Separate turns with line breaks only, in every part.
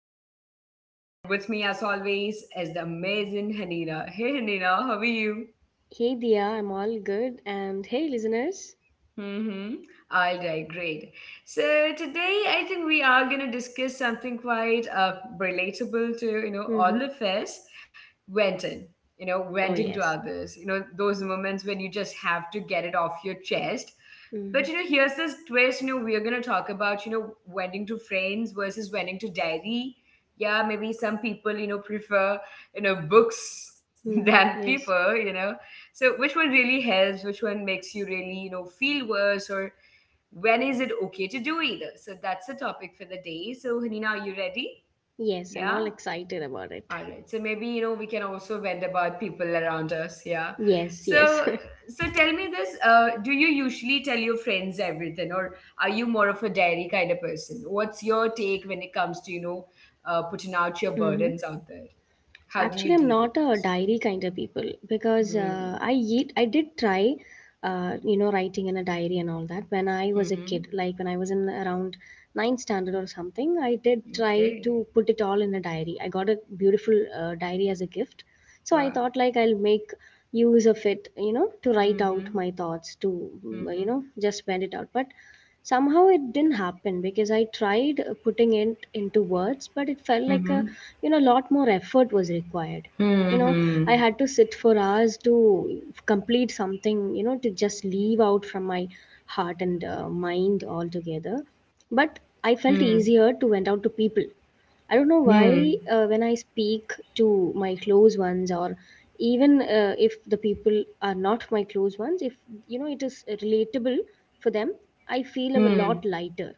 Dia, and with me as always is the amazing Hanina. Hey Hanina, how are you?
Hey Dia, I'm all good. And hey listeners.
Mm-hmm. All right, great. So today I think we are going to discuss something quite relatable to, all
Mm-hmm.
of us, venting, you know,
Oh
venting to
yes.
others, those moments when you just have to get it off your chest.
Mm-hmm.
But, here's this twist, we're going to talk about, venting to friends versus venting to diary. Yeah, maybe some people, prefer, books than
Mm-hmm. Yes.
people. So which one really helps? Which one makes you really, feel worse? Or when is it okay to do either? So that's the topic for the day. So Hanina, are you ready?
Yes, I'm all
Yeah.
excited about it.
All right. So maybe we can also vent about people around us. Yeah.
Yes, yes.
So so tell me this. Do you usually tell your friends everything, or are you more of a diary kind of person? What's your take when it comes to putting out your
Mm-hmm.
burdens out there? How do
Actually,
you
I'm
deal with
not a
things?
diary kind of people because
Hmm.
I did try, you know, writing in a diary and all that when I was a kid.
Mm-hmm.
Like when I was in around ninth standard or something, I did try
Okay.
to put it all in a diary. I got a beautiful diary as a gift, so I
Wow.
thought like I'll make use of it, you know, to write out
Mhm.
my thoughts, to you know,
Mhm.
just spend it out. But somehow it didn't happen because I tried putting it into words, but it felt like a
Mhm.
you know lot more effort was required, you know. I
Mhm.
had to sit for hours to complete something, you know, to just leave out from my heart and mind altogether, but I felt
Hmm.
easier to vent out to people. I don't know
Hmm.
why. When I speak to my close ones, or even if the people are not my close ones, if you know it is relatable for them, I feel a
Hmm.
lot lighter,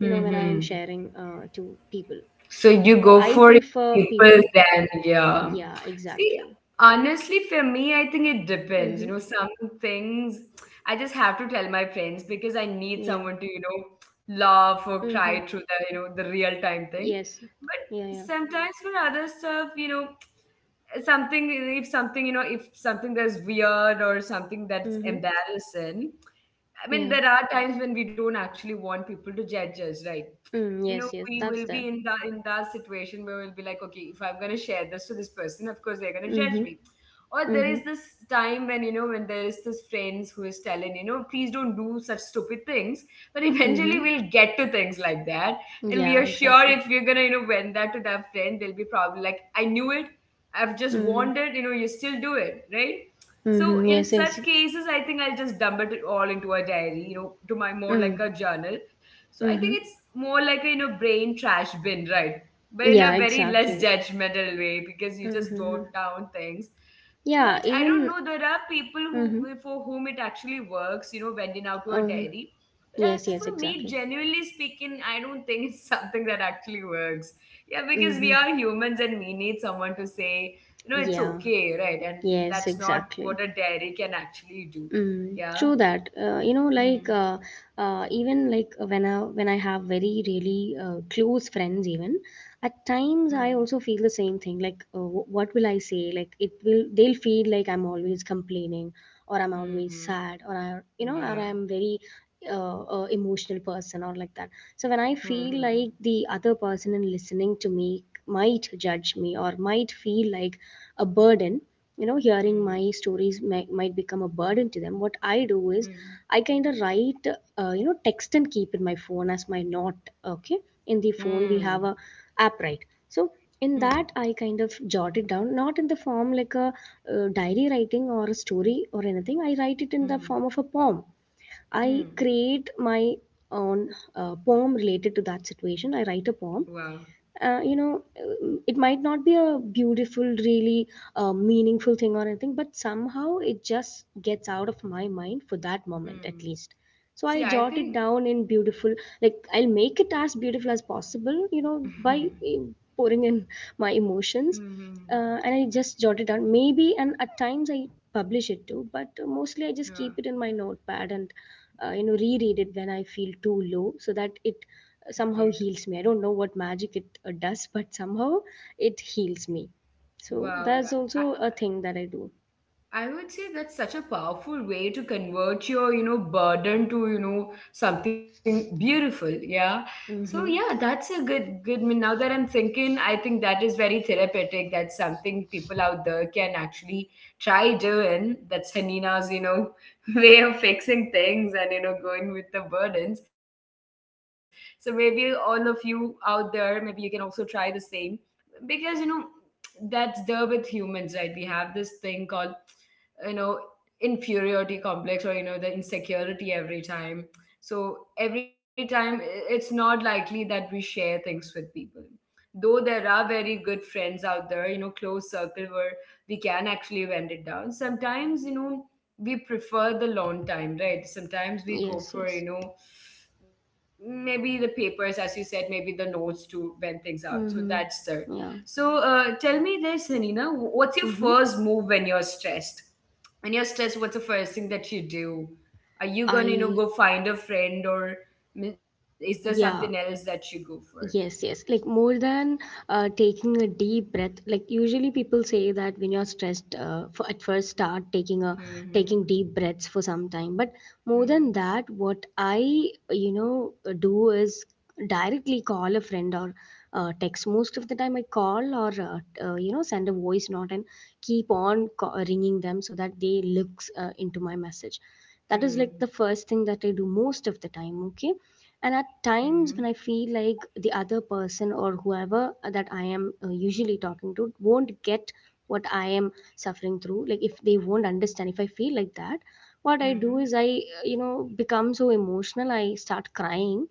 you know, when I am sharing to people,
So you
so
go
I
for
prefer
people
people.
then, yeah.
Yeah,
See,
exactly.
honestly, for me, I think it depends.
Mhm.
Some things I just have to tell my friends because I need
Yeah.
someone to, laugh
Mhm.
or cry through the real time thing.
Yes. Yeah, yeah.
But sometimes for other stuff, something if something you know if something that's weird or something that's
Mhm.
embarrassing. I mean,
Yeah.
there are times when we don't actually want people to judge us, right?
Mm,
You know,
yes, yes,
we
that's
will
there.
be in the in that situation where we'll be like, okay, if I'm gonna share this to this person, of course they're gonna
Mhm.
judge me. Or there
Mhm.
is this time when you know when there is this friends who is telling please don't do such stupid things, but
Mhm.
eventually we'll get to things like that, and
Yeah,
we are sure
exactly.
if we're gonna vent that to that friend, they'll be probably like, I knew it, I've just
Mhm.
warned it, you still do it, right?
Mhm.
So in
Yes, yes.
such cases, I think I'll just dump it all into a diary, to my more
Mm.
like a journal. So I
Mm-hmm.
think it's more like a brain trash bin, right? But in
Yeah,
a very less
exactly.
judgmental way because you just
Mm-hmm.
jot down things.
Yeah,
But I don't
even.
know. There are people
Mm-hmm.
who for whom it actually works, went in out to a
Um.
diary. But as
Yes, yes,
for me,
exactly.
genuinely speaking, I don't think it's something that actually works. Yeah, because we
Mm-hmm.
are humans and we need someone to say, it's
Yeah,
okay, right? And
yes,
that's not
exactly.
what a dairy can actually do.
Mm,
Yeah.
true that. You know,
Hmm.
like even like when I have very really close friends, even at
Hmm.
times I also feel the same thing. Like, what will I say? Like, it will they'll feel like I'm always complaining, or I'm always
Hmm.
sad, or I you know,
Yeah.
or I'm very emotional person, or like that. So when I
Hmm.
feel like the other person in listening to me might judge me or might feel like a burden, you know, hearing
Hmm.
my stories might become a burden to them, what I do is
Hmm.
I kind of write you know text and keep in my phone as my note. Okay, in the
Hmm.
phone we
Hmm.
have a app, right? So
Hmm.
in that I kind of jot it down, not in the form like a diary writing or a story or anything. I write it in the
Hmm.
form of a poem. I
Hmm.
create my own poem related to that situation. I write a poem.
Wow.
You know, it might not be a beautiful, really meaningful thing or anything, but somehow it just gets out of my mind for that moment at
Hmm.
least. So I
See, I
jot it
think.
down in beautiful, like I'll make it as beautiful as possible, you know,
Hmm.
by pouring in my emotions.
Hmm. Hmm.
And I just jot it down. Maybe, and at times I publish it too, but mostly I just
Yeah.
keep it in my notepad and you know reread it when I feel too low so that it
Great.
somehow heals me. I don't know what magic it does but somehow it heals me. So
Wow.
that's also a thing that I do.
I would say that's such a powerful way to convert your, burden to, something beautiful. Yeah. So yeah,
Mm-hmm.
that's a good, I mean, now that I'm thinking, I think that is very therapeutic. That's something people out there can actually try doing. That's Hanina's, way of fixing things and going with the burdens. So maybe all of you out there, maybe you can also try the same because that's there with humans, right? We have this thing called you know inferiority complex or the insecurity every time. So every time it's not likely that we share things with people, though there are very good friends out there, close circle where we can actually vent it down sometimes, we prefer the long time, right? Sometimes we go
Yes,
for,
yes.
maybe the papers, as you said, maybe the notes to vent things out. So that's
Mm-hmm.
there.
Yeah.
So tell me this, Hanina, what's your
Mm-hmm.
first move when you're stressed? When you're stressed, what's the first thing that you do? Are you gonna,
I
go find a friend, or is there something else
Yeah.
that you go for?
Yes, yes. Like more than taking a deep breath. Like usually people say that when you're stressed, for at first start taking a
Hmm.
taking deep breaths for some time. But more than
Hmm.
that, what I you know do is directly call a friend or text. Most of the time, I call or you know send a voice note and keep on ringing them so that they looks into my message. That is like
Hmm.
the first thing that I do most of the time. Okay, and at
Hmm. Hmm.
times when I feel like the other person or whoever that I am usually talking to won't get what I am suffering through, like if they won't understand, if I feel like that, what I do
Hmm.
is I you know become so emotional, I start crying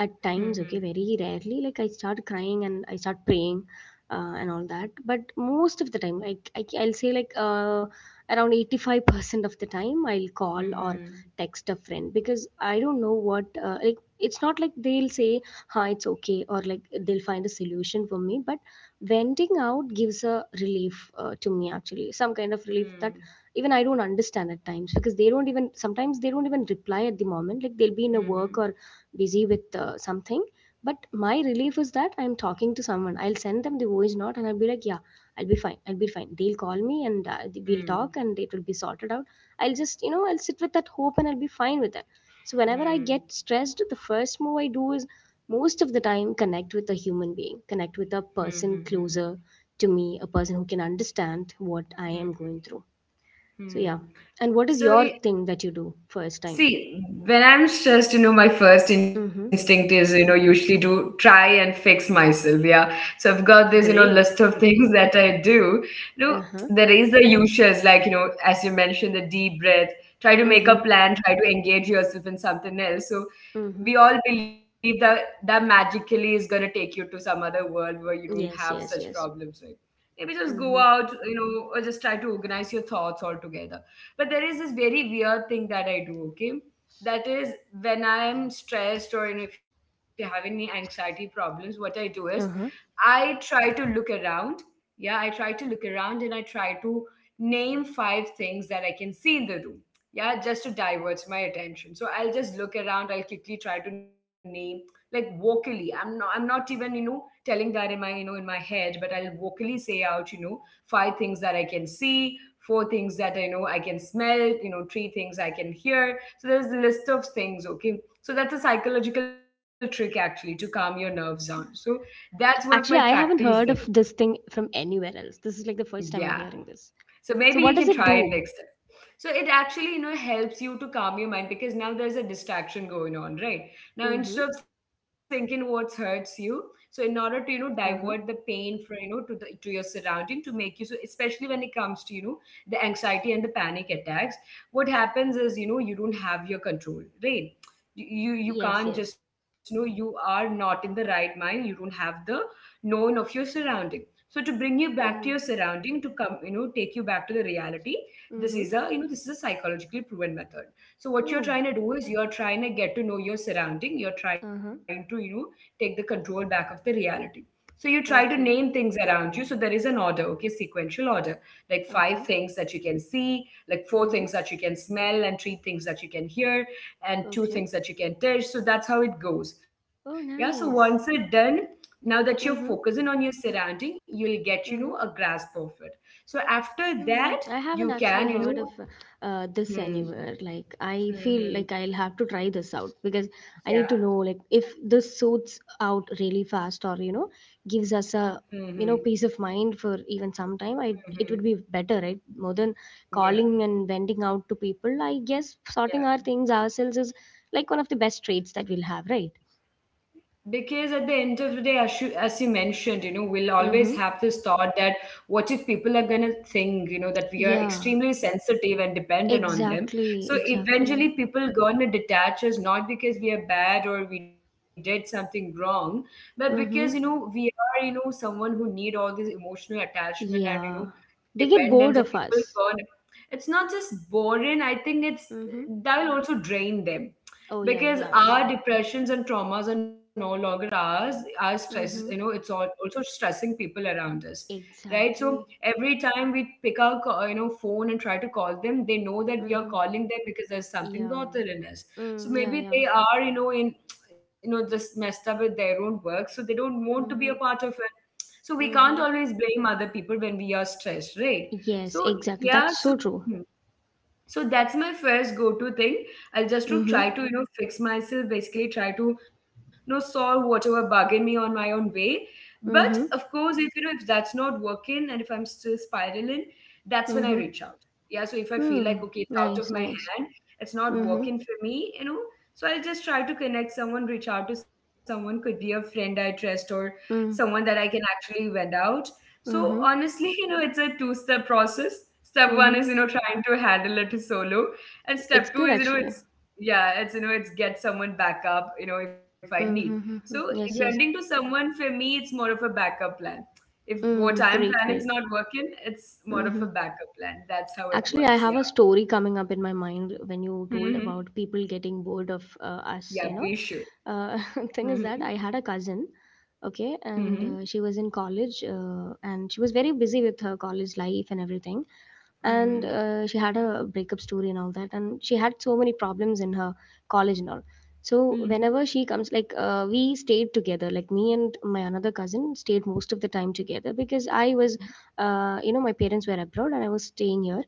at times. Okay, very rarely, like I start crying and I start praying and all that, but most of the time like I'll say like around 85% of the time I'll call or
Hmm.
text a friend, because I don't know what like it's not like they'll say ha it's okay, or like they'll find a solution for me, but venting out gives a relief to me, actually some kind of relief that
Hmm.
even I don't understand at times, because they don't even sometimes they don't even reply at the moment. Like they'll be in a work
Hmm.
or busy with something, but my relief is that I'm talking to someone. I'll send them the voice note and I'll be like yeah I'll be fine, I'll be fine, they'll call me and we'll talk
Hmm.
and it will be sorted out. I'll just you know I'll sit with that hope and I'll be fine with that. So whenever I
Hmm.
get stressed, the first move I do is most of the time connect with a human being, connect with a
Hmm. Hmm.
person
Hmm.
closer to me, a person who can understand what I
Hmm.
am
Hmm.
going through. So yeah.
Hmm.
And what is
So,
your
i-
thing that you do first time?
See, when I'm stressed, my first instinct
Mm-hmm.
is, usually to try and fix myself. Yeah. So I've got this, list of
Great.
things that I do. You know, there
Uh-huh.
is the usuals, like, as you mentioned, the deep breath, try to make a
Mm-hmm.
plan, try to engage yourself in something else. So we
Mm-hmm.
all believe that that magically is going to take you to some other world where you don't have such
Yes, yes,
problems,
yes.
right? Maybe just go out,
Mm-hmm.
or just try to organize your thoughts altogether, but there is this very weird thing that I do, okay? That is when I'm stressed or if you have any anxiety problems, what I do is
Uh-huh.
I try to look around. Yeah, I try to look around and I try to name five things that I can see in the room. Yeah, just to divert my attention. So I'll just look around, I'll quickly try to name like vocally. I'm not even, telling that in my head, but I'll vocally say out, five things that I can see, four things that I know I can smell, three things I can hear. So there's a list of things, okay? So that's a psychological trick actually to calm your nerves down. So
Uh.
that's one of my
Actually, I
practice
haven't
there.
heard of this thing from anywhere else. This is like the first time
Yeah.
I'm hearing this.
So maybe
So
you
what
can
does it
try it
do?
next time. So it actually, helps you to calm your mind because now there's a distraction going on, right? Now
Mm-hmm.
instead of thinking what hurts you, so in order to, divert the
Uh-huh.
pain for, to the to your surrounding to make you so, especially when it comes to, the anxiety and the panic attacks, what happens is, you don't have your control, right? You
Yes,
can't
yes.
just know you are not in the right mind, you don't have the known of your surroundings, so to bring you back to your
Mm-hmm.
surrounding, to come, take you back to the reality. this
Mm-hmm.
is a you know this is a psychologically proven method. So what you're
Oh.
trying to do is you're trying to get to know your surrounding, you're trying
Uh-huh.
to take the control back of the reality. So you try to name
Okay.
things around you, so there is an order, okay? Sequential order, like five
Okay.
things that you can see, like four
Mm-hmm.
things that you can smell, and three things that you can hear, and
Okay.
two things that you can touch. So that's how it goes.
Oh,
Yeah. So once
nice.
it's done, now that you're
Mm-hmm.
focusing on your surrounding, you'll get, a
Mm-hmm.
grasp of it. So after that,
Hmm, I
you
haven't
can
actually heard of this
hmm.
anywhere. Like, I
Hmm.
feel like
Hmm.
I'll have to try this out because I need
Yeah.
to know like if this suits out really fast or you know gives us
Hmm.
a
Hmm.
you know peace of mind for even some time. I
Hmm.
it would be better, right? More than
Yeah.
calling and venting out to people, I guess sorting our
Yeah.
things ourselves is like one of the best traits that we'll have, right?
Because at the end of the day, as you mentioned, we'll always
Mm-hmm.
have this thought that what if people are going to think, that we are
Yeah,
extremely sensitive and dependent on them.
exactly,
So
exactly.
eventually, people going to detach us, not because we are bad or we did something wrong, but because,
Mm-hmm.
we are, someone who need all this emotional attachment and,
Yeah. They get
dependence
bored
that
of
people
us.
turn. It's not just boring, I think it's
Mm-hmm.
that will also drain them,
Oh yeah,
because
yes.
our depressions and traumas are no longer ours. Our stress,
Mm-hmm.
it's all also stressing people around us, right? So
Exactly.
every time we pick our phone and try to call them, they know that we are
Mm-hmm.
calling them because there's something
Yeah.
bothering us. So
Mm, yeah,
maybe
yeah.
they are you know in you know just messed up with their own work, so they don't want to
Mm-hmm.
be a part of it. So we
Mm-hmm.
can't always blame other people when we are stressed, right?
Yes,
So
exactly. That's so
yeah,
true.
hmm so that's my first go-to thing. I'll
Mm-hmm.
just to try to fix myself, basically try to solve whatever bugging me on my own way. But
Mm-hmm.
of course, if you know if that's not working and if I'm still spiraling, that's when I
Mm-hmm.
reach out. Yeah, so if I feel
Mm.
like okay, it's out
Nice,
of my
nice.
hand, it's not
Mm-hmm.
working for me. So I'll just try to connect someone, reach out to someone, could be a friend I trust or someone
Mm.
that I can actually vent out. So
Mm-hmm.
honestly, it's a two-step process. Step one is,
Mm-hmm.
trying to handle it solo. And step two
It's
is,
good
it's
actually.
yeah, it's you know, it's get someone back up, if I need.
Mm-hmm.
So
Mm-hmm.
grinding
Yes,
to
yes.
someone, for me, it's more of a backup plan. If what I'm
Mm.
planning
Great,
is not
great.
working, it's more of a
Mm-hmm.
backup plan. That's how it
Actually,
works.
I
Yeah.
have a story coming up in my mind when you told
Hmm.
about people getting bored of us,
Yeah,
you know.
please should.
Uh,
Hmm.
thing is that I had a cousin, okay,
Hmm.
and she was in college and she was very busy with her college life and everything. And
Hmm.
she had a breakup story and all that, and she had so many problems in her college and all. So,
Hmm.
whenever she comes, like, we stayed together, like, me and my another cousin stayed most of the time together, because I was, you know, my parents were abroad and I was staying here,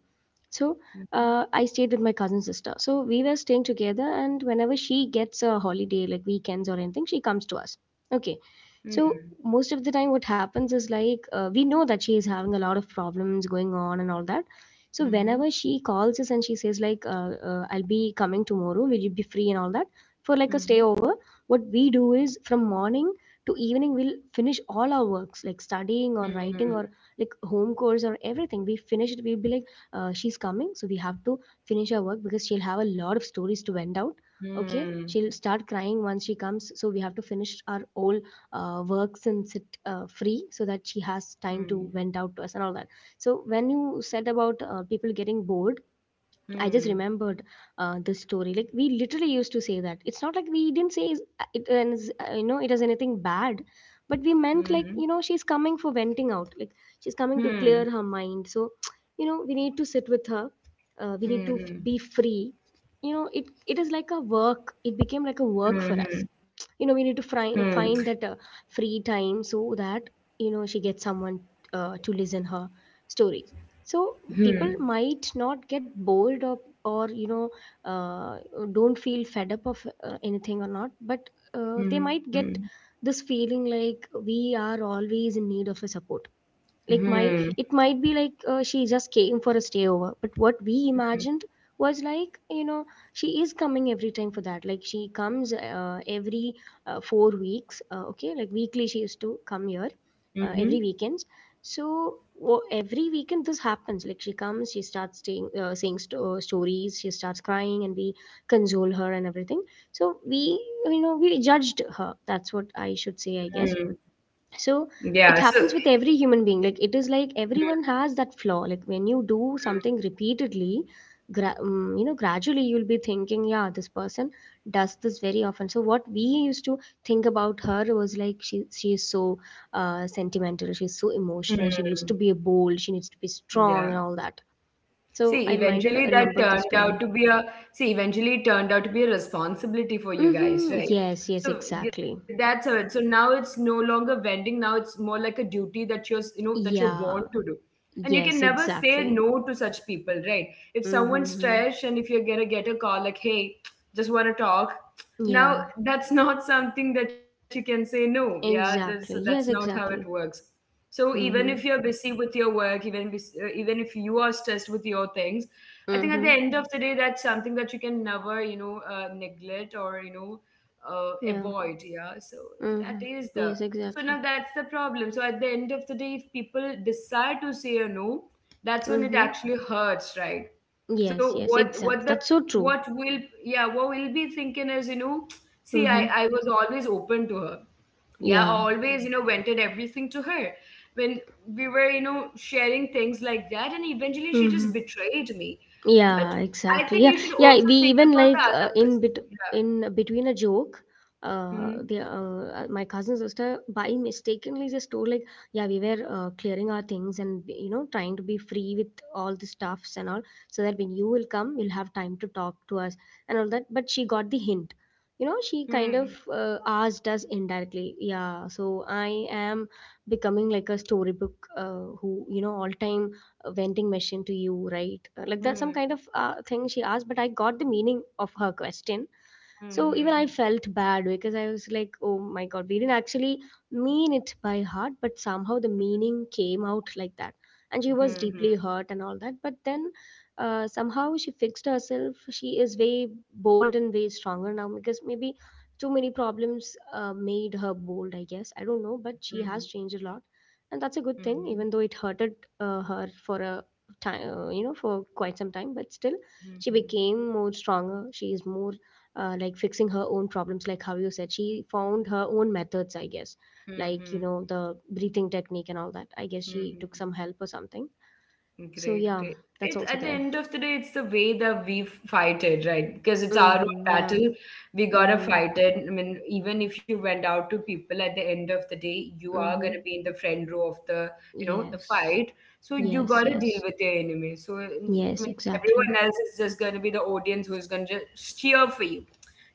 so I stayed with my cousin sister. So we were staying together, and whenever she gets a holiday, like weekends or anything, she comes to us. Okay.
Hmm. Hmm.
So most of the time, what happens is like we know that she is having a lot of problems going on and all that. So
Hmm.
whenever
Hmm.
she calls us and she says like, "I'll be coming tomorrow. Will you be free?" and all that for like a stay
Hmm.
over, what we do is from morning to evening we'll finish all our works like studying or
Hmm.
writing or like home course or everything. We finish it. We'll be like she's coming so we have to finish our work because she'll have a lot of stories to vent out. Okay,
Hmm.
she'll start crying once she comes, so we have to finish our all works and sit free so that she has time to
Hmm.
vent out to us and all that. So when you said about people getting bored, I just
Hmm.
remembered this story. Like we literally used to say that. It's not like we didn't say it, and you know, it is anything bad, but we meant like
Mhm.
you know, she's coming for venting out. Like she's coming to
Hmm.
clear her mind. So, you know, we need to sit with her. We need to
Mhm.
be free. You know, it is like a work. It became like a work for us.
Mhm.
We need to
Hmm.
find that free time so that she gets someone to listen her stories, so
Hmm.
people might not get bored or uh, don't feel fed up of anything or not, but they might
Hmm.
get this feeling like we are always in need of a support. Like my
Hmm.
It might be like she just came for a stayover. But what we imagined was like, she is coming every time for that. Like she comes every 4 weeks. Okay, like weekly she used to come here,
Mhm.
every weekends. So every weekend this happens. Like she comes, she starts saying stories, she starts crying and we console her and everything. So we you know we judged her. That's what I should say, I
Hmm.
guess. So
Yeah.
it
So.
happens with every human being. Like it is like everyone has that flaw. Like when you do something repeatedly, gradually you'll be thinking, yeah, this person does this very often. So what we used to think about her was like she is so sentimental, she's so
Mhm.
emotional, she needs
Hmm.
to be bold, she needs to be
Yeah.
strong, and all that. So
See,
I
eventually that
remembered the
turned
story.
out to be a See, eventually it turned out to be a responsibility for you
Mm-hmm.
guys, right?
Yes, yes,
So
exactly.
that's how it. So now it's no longer vending. Now it's more like a duty that you're, s- you know, that you're born
Yeah.
to do, and you
Yes,
can never say
exactly.
no to such people, right? If someone's
Mm-hmm.
trash and if you're gonna get a call like, "Hey, just want to talk,"
Yeah.
now that's not something that you can say no. Yeah, that's
Exactly.
not
Yes,
how it
exactly.
works. So even if you're
Mm-hmm.
busy with your work, even if you are stressed with your things, I think at the
Mm-hmm.
end of the day, that's something that you can never, neglect or
Yeah.
avoid. Yeah. So
Mm-hmm.
that is the
Yes,
so
exactly.
now that's the problem. So at the end of the day, if people decide to say a no, that's when it
Mm-hmm.
actually hurts, right?
Yes,
So
yes, exactly.
what the
That's so true.
what will yeah what we'll be thinking is, see, I
Mm-hmm.
I was always open to her. Yeah, I
Yeah.
always vented everything to her when we were sharing things like that, and eventually she just
Mm-hmm.
betrayed me. But
Yeah,
I
exactly.
think
Yeah,
you should
yeah.
also
We
think
even
about the
like
other
in
person.
bit
Yeah.
in between a joke,
Hmm.
the my cousin sister by mistakenly just told, like, yeah, we were clearing our things and trying to be free with all the stuffs and all, so that when you will come, you'll have time to talk to us and all that. But she got the hint. She kind of
Hmm.
asked us indirectly. Yeah, so I am becoming like a storybook, who all time vending machine to you, right? Like that's some
Hmm.
kind of thing she asked, but I got the meaning of her question. So even I
Hmm.
felt bad because I was like, oh my god, we didn't actually mean it by heart, but somehow the meaning came out like that. And she was deeply
Hmm.
hurt and all that. But then somehow she fixed herself. She is way bold and way stronger now, because maybe too many problems made her bold, I guess. I don't know, but
Hmm.
she has
Hmm.
changed a lot, and that's a good thing,
Hmm.
even though it hurted her for a time, for quite some time. But still, she
Hmm.
became more stronger. She is more like fixing her own problems, like how you said. She found her own methods, I guess,
Hmm.
like
Hmm.
the breathing technique and all that. I guess
Hmm.
she took
Hmm.
some help or something. So
Great,
yeah,
great.
that's
It's
also
at the
there.
end of the day, it's the way that we fight it, right? Because it's our own
Mm-hmm. Yeah.
battle. We gotta
Mm-hmm.
fight it. I mean, even if you went out to people, at the end of the day, you are
Mm-hmm.
gonna be in the front row of the
Yes.
fight. So you
Yes.
gotta deal
Yes.
with your enemy. So I
Yes.
mean,
Exactly.
everyone else is just gonna be the audience, who's gonna just cheer for you.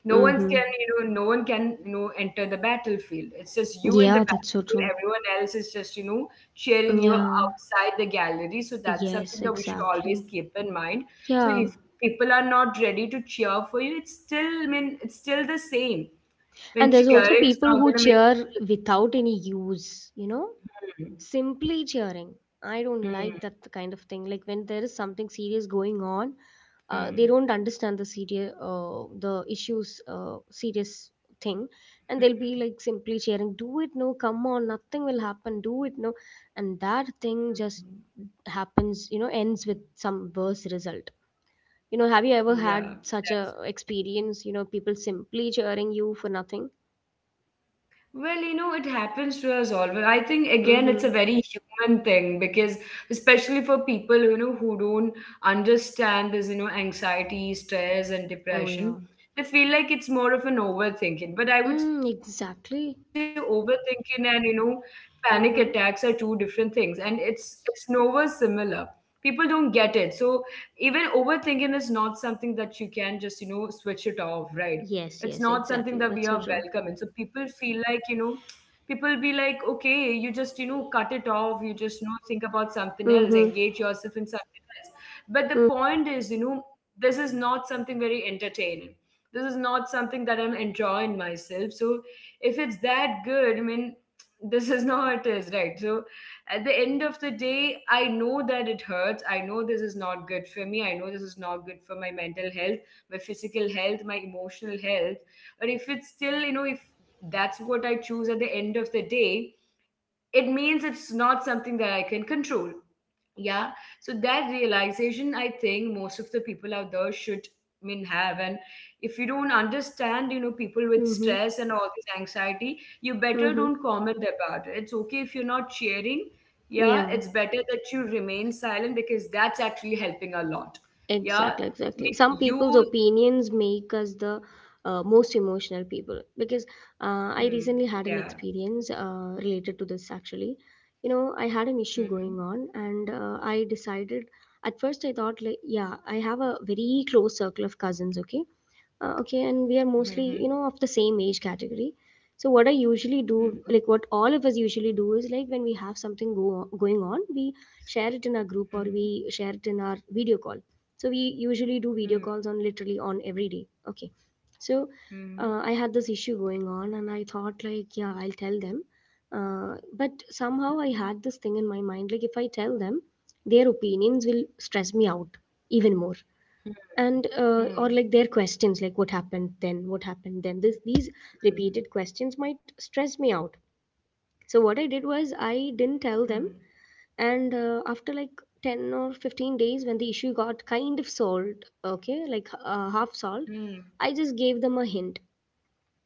No one's
Mm-hmm.
can, you know, no one can, you know, enter the battlefield. It's just you in the
Yeah, that's so
battlefield.
true.
Everyone else is just, cheering you
Yeah.
outside the gallery. So that's something
Yes,
that we should always
exactly.
keep in mind. So
Yeah.
if people are not ready to cheer for you, it's still, I mean, it's still the same. When
And there's also
cheering is not
people who
gonna make.
cheer without any use, simply cheering. I don't like
Hmm.
that kind of thing. Like when there is something serious going on, they
Hmm.
don't understand the issues, serious thing, and they'll be like simply cheering, "Do it, no, come on, nothing will happen, do it, no," and that thing
Hmm.
just ends with some worse result. Have you ever
Yeah.
had such a experience? People simply cheering you for nothing.
Well, it happens to us all. But I think, again, it's
Mm-hmm.
a very human thing, because especially for people, who don't understand this, anxiety, stress, and
Oh
depression,
yeah.
they feel like it's more of an overthinking. But I would say
Mm,
overthinking
exactly.
and, panic attacks are two different things,
Mm-hmm.
and it's nowhere similar. People don't get it. So even overthinking is not something that you can just, switch it off, right? It's not something
Yes,
that
yes,
we are
exactly.
welcome. And
That's
so
so true.
people feel like, people will be like, okay, you just cut it off, you just think about something else, engage
Mm-hmm.
yourself in something else. But the point is, this is not something very entertaining. This is not something that I'm enjoying myself. So if it's that good, I mean this is not what it is, right? So at the end of the day, I know that it hurts. I know this is not good for me. I know this is not good for my mental health, my physical health, my emotional health. But if it's still you know if that's what I choose at the end of the day, it means it's not something that I can control. Yeah. So that realization, I think most of the people out there should, I mean, have. And if you don't understand, people with
Mm-hmm.
stress and all this anxiety, you better
Mm-hmm.
don't comment about it. It's okay if you're not cheering.
Yeah.
Yeah, it's better that you remain silent, because that's actually helping a lot. Yeah.
Exactly,
I
exactly. Some
mean, you,
people's opinions make us the most emotional people, because I
hmm,
recently had an
yeah.
experience related to this actually. I had an issue
Hmm.
going on, and I decided at first I thought, like, yeah, I have a very close circle of cousins, okay? Okay, and we are
Hmm.
mostly of the same age category. So what I usually do,
Hmm.
like what all of us usually do, is like when we have something go going on, we share it in our group or
Hmm.
we share it in our video call. So we usually do video
Hmm.
calls on literally on every day, okay? So
Hmm.
I had this issue going on and I thought like, yeah, I'll tell them. uh, but somehow I had this thing in my mind like, if I tell them, their opinions will stress me out even more.
Hmm.
and uh,
Hmm.
or like their questions, like, what happened then, what happened then, this these repeated questions might stress me out. So what I did
Hmm.
was, I didn't tell them. And after like 10 or 15 days, when the issue got kind of solved, okay, like half
Hmm.
solved, I just gave them a hint: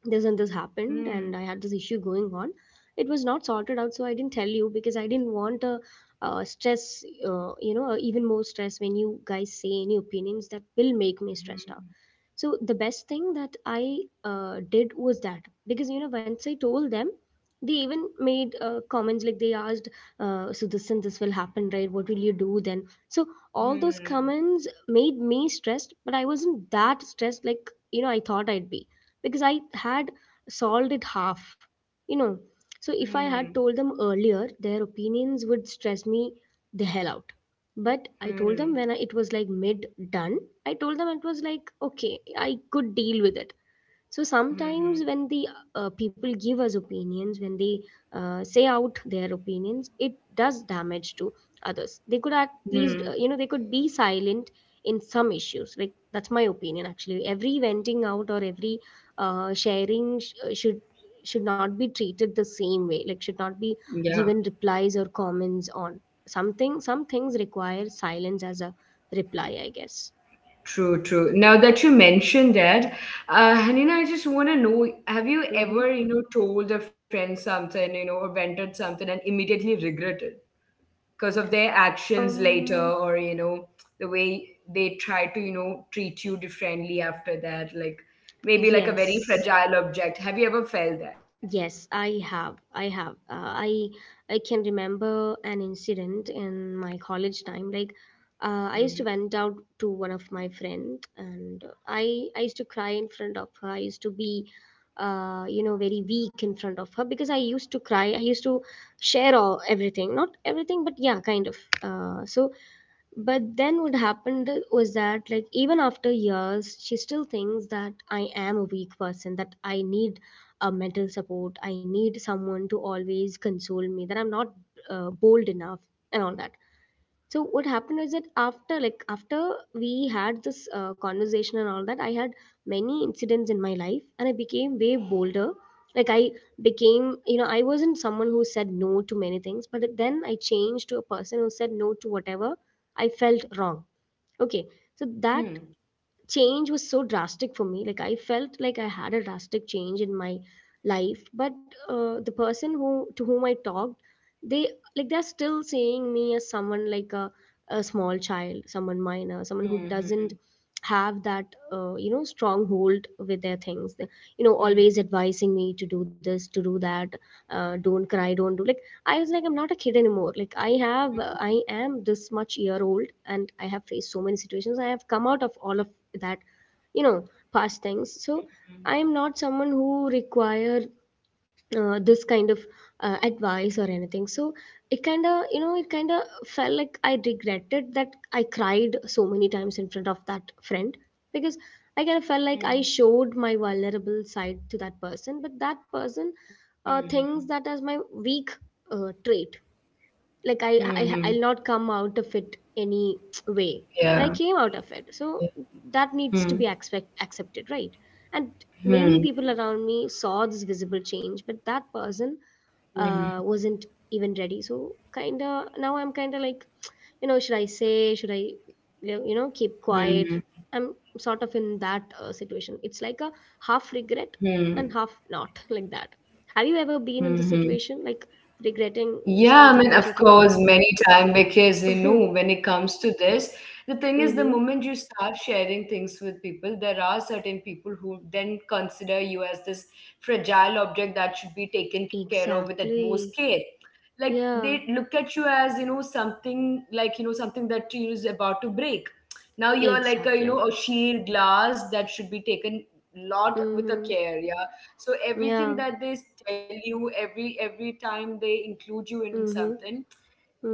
this and this
Hmm.
happened and I had this issue going on, it was not sorted out, so I didn't tell you because I didn't want a, stress you know even more stress when you guys say any opinions that will make me stressed out.
Hmm.
So the best thing that I did was that, because once I told them, they even made comments, like they asked, so this and this will happen, right, what will you do then? So all those comments made me stressed, but I wasn't that stressed like I thought I'd be, because I had solved it half, you know. So if I had
Hmm.
told them earlier, their opinions would stress me the hell out. But I told
Hmm.
them when it was like mid done. I told them It was like, okay, I could deal with it. So
Hmm.
sometimes when the people give us opinions, when they say out their opinions, it does damage to others. They could at
Hmm.
least, they could be silent in some issues. Like that's my opinion. Actually every venting out or every should not be treated the same way, like should not be
Yeah,
given replies or comments on some things. Require silence as a reply, I guess.
true, true. Now that you mentioned that, Hanina, I just want to know, have you
Mm-hmm.
ever, told a friend something, or vented something and immediately regretted? Because of their actions later,
um
or the way they try to treat you differently after that, like maybe like a very
yes.
fragile object. Have you ever felt that?
Yes, I have. I have. I can remember an incident in my college time. Like, I used to
Mhm.
went out to one of my friend, and I used to cry in front of her. I used to be, very weak in front of her because I used to cry. I used to share all everything, not everything, but yeah, kind of. Uh, so but then what happened was that, like, even after years, she still thinks that I am a weak person, that I need a mental support, I need someone to always console me, that I'm not bold enough, and all that. So what happened is that, after we had this conversation and all that, I had many incidents in my life and I became way bolder, like I became you know I wasn't someone who said no to many things, but then I changed to a person who said no to whatever I felt wrong, okay? So that
Hmm.
change was so drastic for me, like I felt like I had a drastic change in my life. But the person who to whom I talked, they they're still seeing me as someone like a small child, someone minor, someone who doesn't
Mhm.
have that stronghold with their things. Always
Mhm.
advising me to do this, to do that, don't cry, don't do. Like I was like, I'm not a kid anymore, like I
Mhm.
am this much year old and I have faced so many situations. I have come out of all of that you know past things. So I am not someone who require this kind of advice or anything. So it kind of felt like I regretted that I cried so many times in front of that friend, because I kind of felt like I
Mhm.
showed my vulnerable side to that person, but that person
Mhm.
thinks that as my weak trait. Like
Mhm.
I'll not come out of it any way. But I
Yeah.
came out of it, so that needs to be
Hmm.
accepted, right? And many
Hmm.
people around me saw this visible change, but that person
Hmm.
wasn't even ready. So kind of now I'm kind of like, should I, you know keep quiet?
Hmm.
I'm sort of in that situation. It's like a half regret
Hmm.
and half not, like that. Have you ever been in the
Hmm.
situation, like regretting
Yeah, I
something
mean, of
that you told?
course, many time, because
Mm-hmm.
when it comes to this, the thing is, the
Mm-hmm.
moment you start sharing things with people, there are certain people who then consider you as this fragile object that should be taken care of with utmost
Exactly.
care. Like they
Yeah,
look at you as something, like something that is about to break. Now you're like a,
exactly.
a sheer glass that should be taken lot with a
Mm-hmm.
care. Yeah, so everything
Yeah.
that they tell you, every time they include you in
Mm-hmm.
something,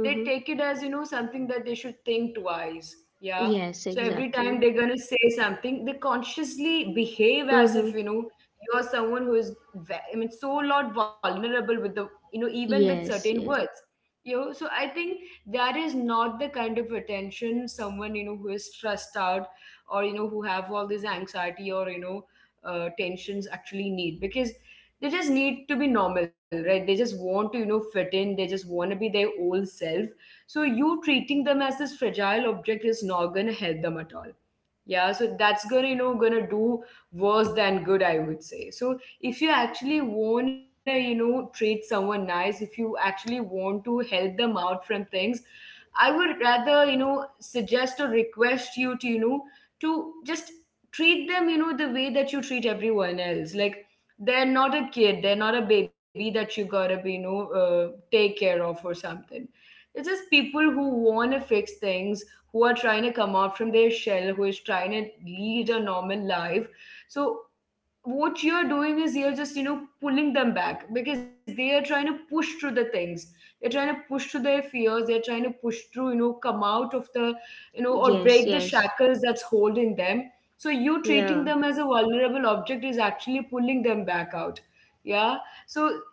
they take it as something that they should think twice. Yeah,
Yes,
so every
exactly.
time they're gonna say something, they consciously behave as
Mm-hmm.
if you're someone who is I mean, so lot vulnerable with the, even with
Yes,
certain
yes.
words. So I think that is not the kind of attention someone, who is stressed out, or who have all this anxiety, or tensions actually need, because they just need to be normal, right? They just want to fit in. They just want to be their old self. So you treating them as this fragile object is not going to help them at all. Yeah, so that's gonna you know gonna do worse than good, I would say. So if you actually wanna treat someone nice, if you actually want to help them out from things, I would rather suggest or request you to, just treat them the way that you treat everyone else. Like, they're not a kid, they're not a baby that you gotta be, take care of or something. It's just people who wanna fix things, who are trying to come out from their shell, who is trying to lead a normal life. So what you're doing is you're just pulling them back, because they are trying to push through the things, they're trying to push through their fears, they're trying to push through, come out of the, or
Yes,
break the
yes.
shackles that's holding them. So you
Yeah.
treating them as a vulnerable object is actually pulling them back out. Yeah. So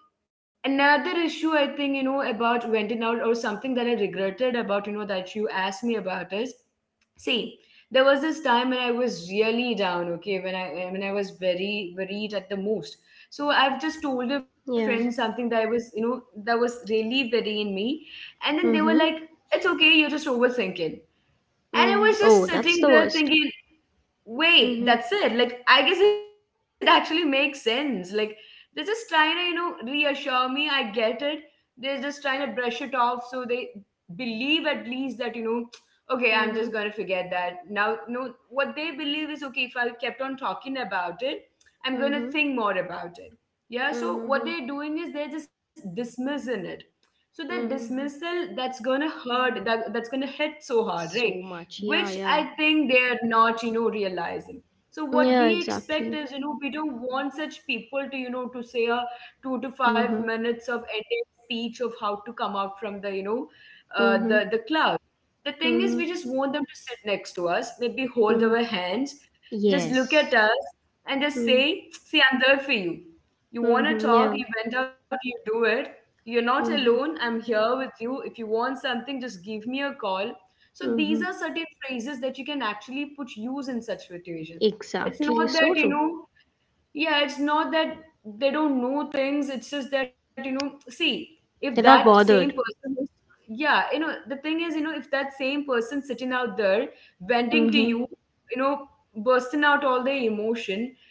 another issue, I think, about venting out or something that I regretted about, that you asked me about, is, see, there was this time when I was really down, okay, when I was very worried at the most. So I've just told a friend
Yeah.
something that I was, you know, that was really worrying me. And then they were
Mm-hmm.
like, "It's okay, you're just overthinking." And
Mm.
I was
Oh,
just
that's the
sitting
worst.
there thinking,
Mm-hmm.
wait, that's it. Like, I guess it actually makes sense. Like, they're just trying to, reassure me. I get it. They're just trying to brush it off, so they believe at least that, okay, I'm
Mm-hmm.
just going to forget that. Now, no, what they believe is, okay, if I kept on talking about it, I'm going to
Mm-hmm.
think more about it. Yeah. So what
Mm-hmm.
they're doing is they're just dismissing it. So that
Mm-hmm.
dismissal, that's going to hurt, that's going to hit so hard, right?
So much.
Which
Yeah,
I
yeah.
think they're not, realizing. So what
Yeah,
we expect
exactly.
is, we don't want such people to, say a two to five
Mm-hmm.
minutes of ended speech of how to come out from the, you know, uh,
Mm-hmm.
the the cloud. The thing is,
Mm-hmm.
we just want them to sit next to us, maybe hold
Mm.
our hands, just look
Yes.
at us, and just
Mm.
say, "See, I'm there for you. You want
Mm-hmm.
to
Yeah.
talk? You went out. You do it. You're not
Mm-hmm.
alone. I'm here with you. If you want something, just give me a call. So these
Mm-hmm.
are certain phrases that you can actually put use in such situation. It's
Exactly.
not that
So
you
true.
know Yeah, it's not that they don't know things. It's just that, see, if
They're
that
not
same
bothered.
person is- yeah, the thing is, if that same person sitting out there venting to
Mm-hmm.
you, you know bursting out all their emotion.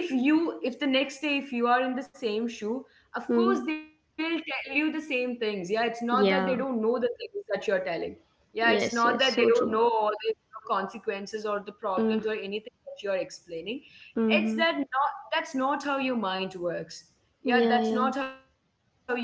If you— if the next day, if you are in the same shoe, of
Mm.
course they'll tell you the same things. Yeah, it's not that they don't know
Yeah.
the things that you're telling. Yeah, it's not
Yes,
that
yes.
they
So
don't know
true.
all the consequences or the problems
Mm.
or anything that you're explaining. It's
Mm-hmm.
that not— that's not how your mind works. Yeah,
Yeah,
that's
yeah.
not how your—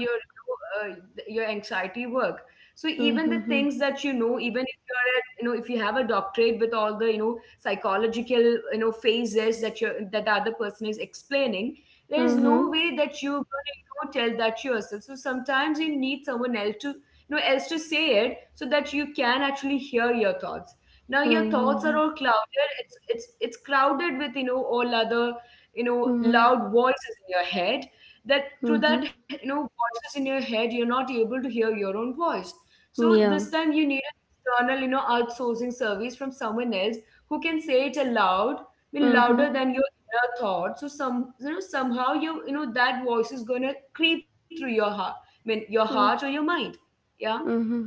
uh, your anxiety work. So even the things that,
Mm-hmm.
even if you're at, you know if you have a doctorate with all the, psychological, phases that you that the other person is explaining, there is
Mm-hmm.
no way that you're going to, tell that yourself. So sometimes you need someone else to, else to say it, so that you can actually hear your thoughts. Now your thoughts
Mm-hmm.
are all clouded. It's crowded with, all other,
Mm-hmm.
loud voices in your head. That, through
Mm-hmm.
that, voices in your head, you're not able to hear your own voice. So this
Yeah.
time you need an external, outsourcing service from someone else who can say it aloud. I mean,
Mm-hmm.
louder than your inner thought. So, some somehow, you know that voice is gonna creep through your heart. I mean, your heart or your mind. Yeah.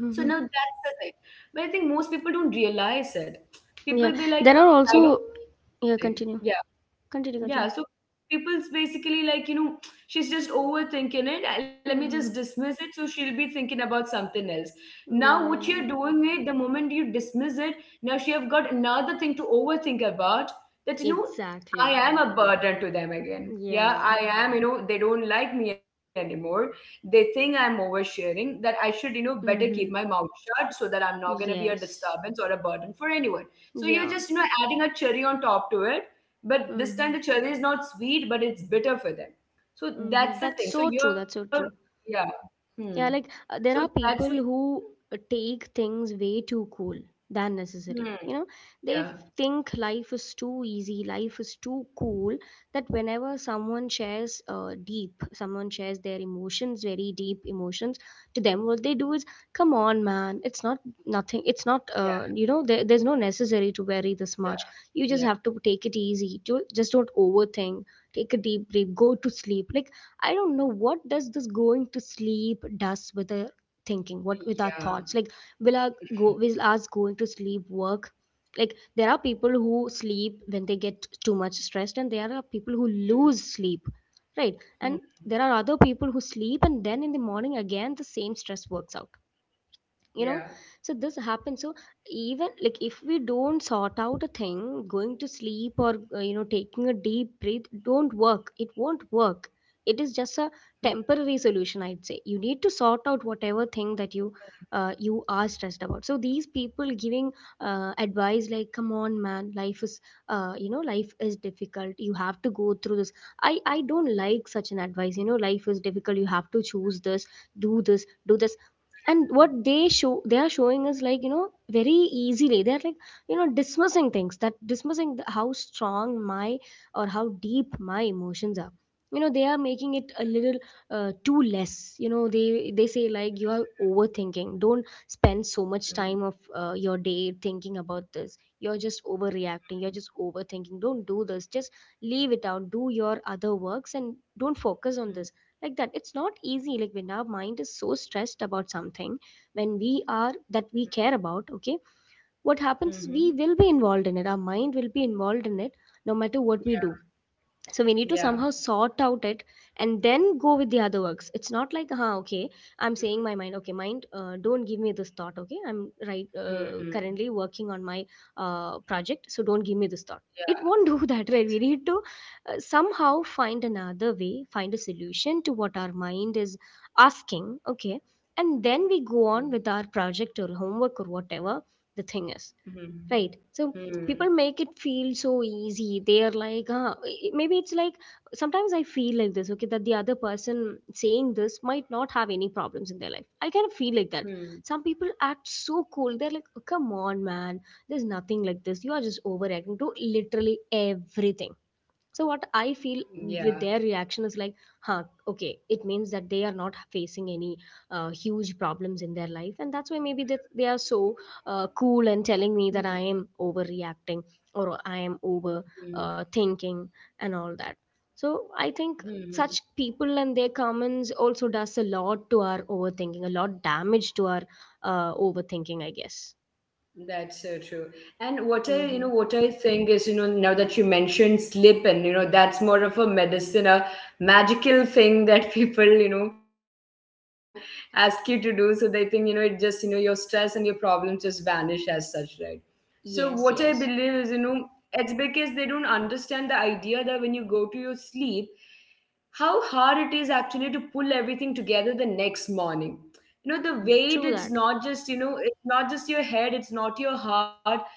So now that's the thing, but I think most people don't realize it.
Yeah.
People be like,
There are
okay, I
also...
don't
Yeah,
think—
continue.
Yeah?
Continue,
Yeah,
continue.
so people's basically like, she's just overthinking it. Let me just
Mm-hmm.
dismiss it, so she'll be thinking about something else. Now, what
Yeah,
you're
yeah.
doing it, the moment you dismiss it, now she have got another thing to overthink about, that, I
Exactly.
am a burden to them again. Yeah,
Yeah.
I am, they don't like me anymore. They think I'm oversharing, that I should, better keep my
Mm-hmm.
mouth shut, so that I'm not going to be a
Yes.
disturbance or a burden for anyone. So you're
Yeah.
just, adding a cherry on top to it, but this time
Mm-hmm.
the cherry is not sweet, but it's bitter for them. So that's
That's
the thing,
so
so
true.
you're—
That's so true.
Yeah. Hmm.
Yeah, like
So
there are
that's it.
people who take things way too cool than necessary.
Hmm.
You know, they f-
Yeah,
think life is too easy, life is too cool. That whenever someone shares someone shares their emotions, very deep emotions to them, what they do is, come on, man, it's not nothing. It's not,
yeah,
you know, there's no necessary to worry this much. You just have
yeah, yeah,
to take it easy. Just don't overthink. Take a deep breath. Go to sleep. Like I don't know what does this going to sleep does with our thinking, what with our thoughts.
yeah.
Like will our go will us going to sleep work? Like there are people who sleep when they get too much stressed, and there are people who lose sleep, right? And
Mm-hmm.
there are other people who sleep and then in the morning again the same stress works out, you know.
Yeah.
So this happens. So even like if we don't sort out a thing, going to sleep or you know, taking a deep breath don't work, it won't work. It is just a temporary solution, I'd say. You need to sort out whatever thing that you you are stressed about. So these people giving advice like, come on man, life is you know, life is difficult, you have to go through this. I don't like such an advice. You know, life is difficult, you have to choose this, do this, do this. And what they show they are showing is like, you know, very easily they're like, you know, dismissing things, that dismissing the, how strong my or how deep my emotions are. You know, they are making it a little too less. You know, they say like you are overthinking, don't spend so much
Mm-hmm.
time of your day thinking about this, you're just overreacting, you're just overthinking, don't do this, just leave it out, do your other works and don't focus on this. Like that, it's not easy. Like when our mind is so stressed about something, when we are that we care about, okay, what
Mm-hmm.
happens is
Mm-hmm.
we will be involved in it, our mind will be involved in it no matter what we do. So we need to
Yeah.
somehow sort out it and then go with the other works. It's not like, huh, okay, I'm saying my mind, okay, mind, don't give me this thought, okay, I'm right,
Hmm, hmm, hmm. Yeah. Hmm.
currently working on my project, so don't give me this thought. It
Yeah.
won't do that, right? We
ex-
need to somehow find another way, find a solution to what our mind is asking, okay, and then we
hmm,
go on with our project or homework or whatever the thing is.
hmm,
Right. So people
hmm,
make it feel so easy. They are like, huh, maybe it's like sometimes I feel like this, okay, that the other person saying this might not have any problems in their life. I kind of feel like that.
hmm.
Some people act so cool. They're like, "Oh, come on, man, there's nothing like this. You are just overreacting to literally everything. So what I feel
Yeah.
with their reaction is like, huh, okay, it means that they are not facing any huge problems in their life, and that's why maybe they are so cool and telling me
Hmm,
that I am overreacting or I am over
hmm,
thinking and all that. So I think
hmm.
such people and their comments also does a lot to our overthinking, a lot damage to our overthinking, I guess.
That's so true. And
Mm-hmm.
what I think is, now that you mentioned sleep and, that's more of a medicine, a magical thing that people, ask you to do. So they think, it just— your stress and your problems just vanish as such, right? So what I believe is,
Yes, yes.
it's because they don't understand the idea that when you go to your sleep, how hard it is actually to pull everything together the next morning. The weight—
Mm, true that.
it's not just your head, it's not your heart.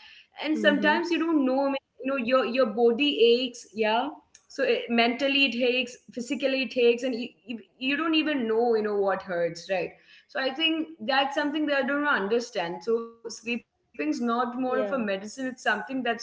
And sometimes you
Mm-hmm.
don't know, I mean, your body aches. Yeah, so it— mentally it aches, physically it aches, and you don't even know, what hurts, right? So I think that's something that I don't understand. So sleeping's not more of a medicine,
Yeah.
it's something that's going to,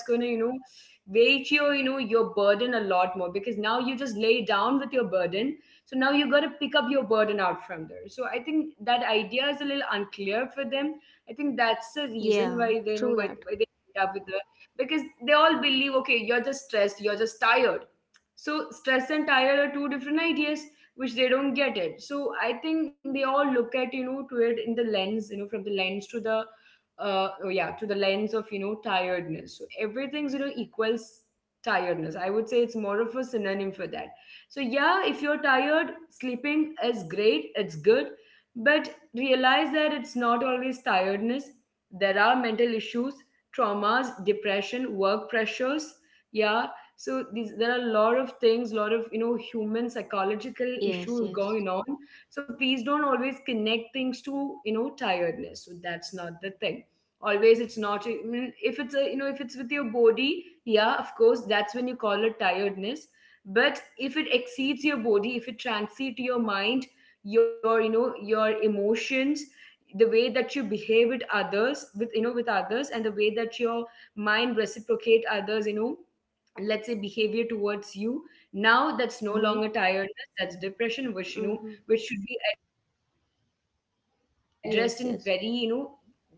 ratio, your burden a lot more, because now you just lay down with your burden. So now you got to pick up your burden out from there. So I think that idea is a little unclear for them. I think that's the reason why
Yeah,
they, why,
true
why
that.
they end up with the— because they all believe, okay, you're just stressed, you're just tired. So stress and tired are two different ideas, which they don't get it. So I think they all look at, to it in the lens, from the lens to the— oh yeah, to the lens of, tiredness. So everything's, equals tiredness. I would say it's more of a synonym for that. So yeah, if you're tired, sleeping is great. It's good, but realize that it's not always tiredness. There are mental issues, traumas, depression, work pressures. Yeah. So these there are a lot of things, lot of, human psychological
Yes,
issues
yes.
going on. So please don't always connect things to, tiredness. So that's not the thing always. It's not, I mean, if it's a— if it's with your body, yeah, of course that's when you call it tiredness. But if it exceeds your body, if it transits to your mind, your— your emotions, the way that you behave with others, with— with others, and the way that your mind reciprocate others, let's say, behavior towards you, now that's no
Mm-hmm.
longer tiredness. That's depression, which,
Mm-hmm.
which should be addressed in very,
Yes,
very
yes.
let's say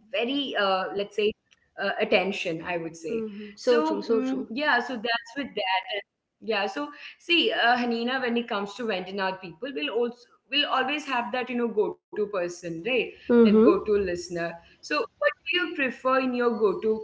attention, I would say. So,
Mm-hmm. So true, so
yeah,
true.
so that's with that. And yeah, so, see, Hanina, when it comes to venting out, people will also— will always have that, go-to person, right? That
Mm-hmm.
go-to listener. So what do you prefer in your go-to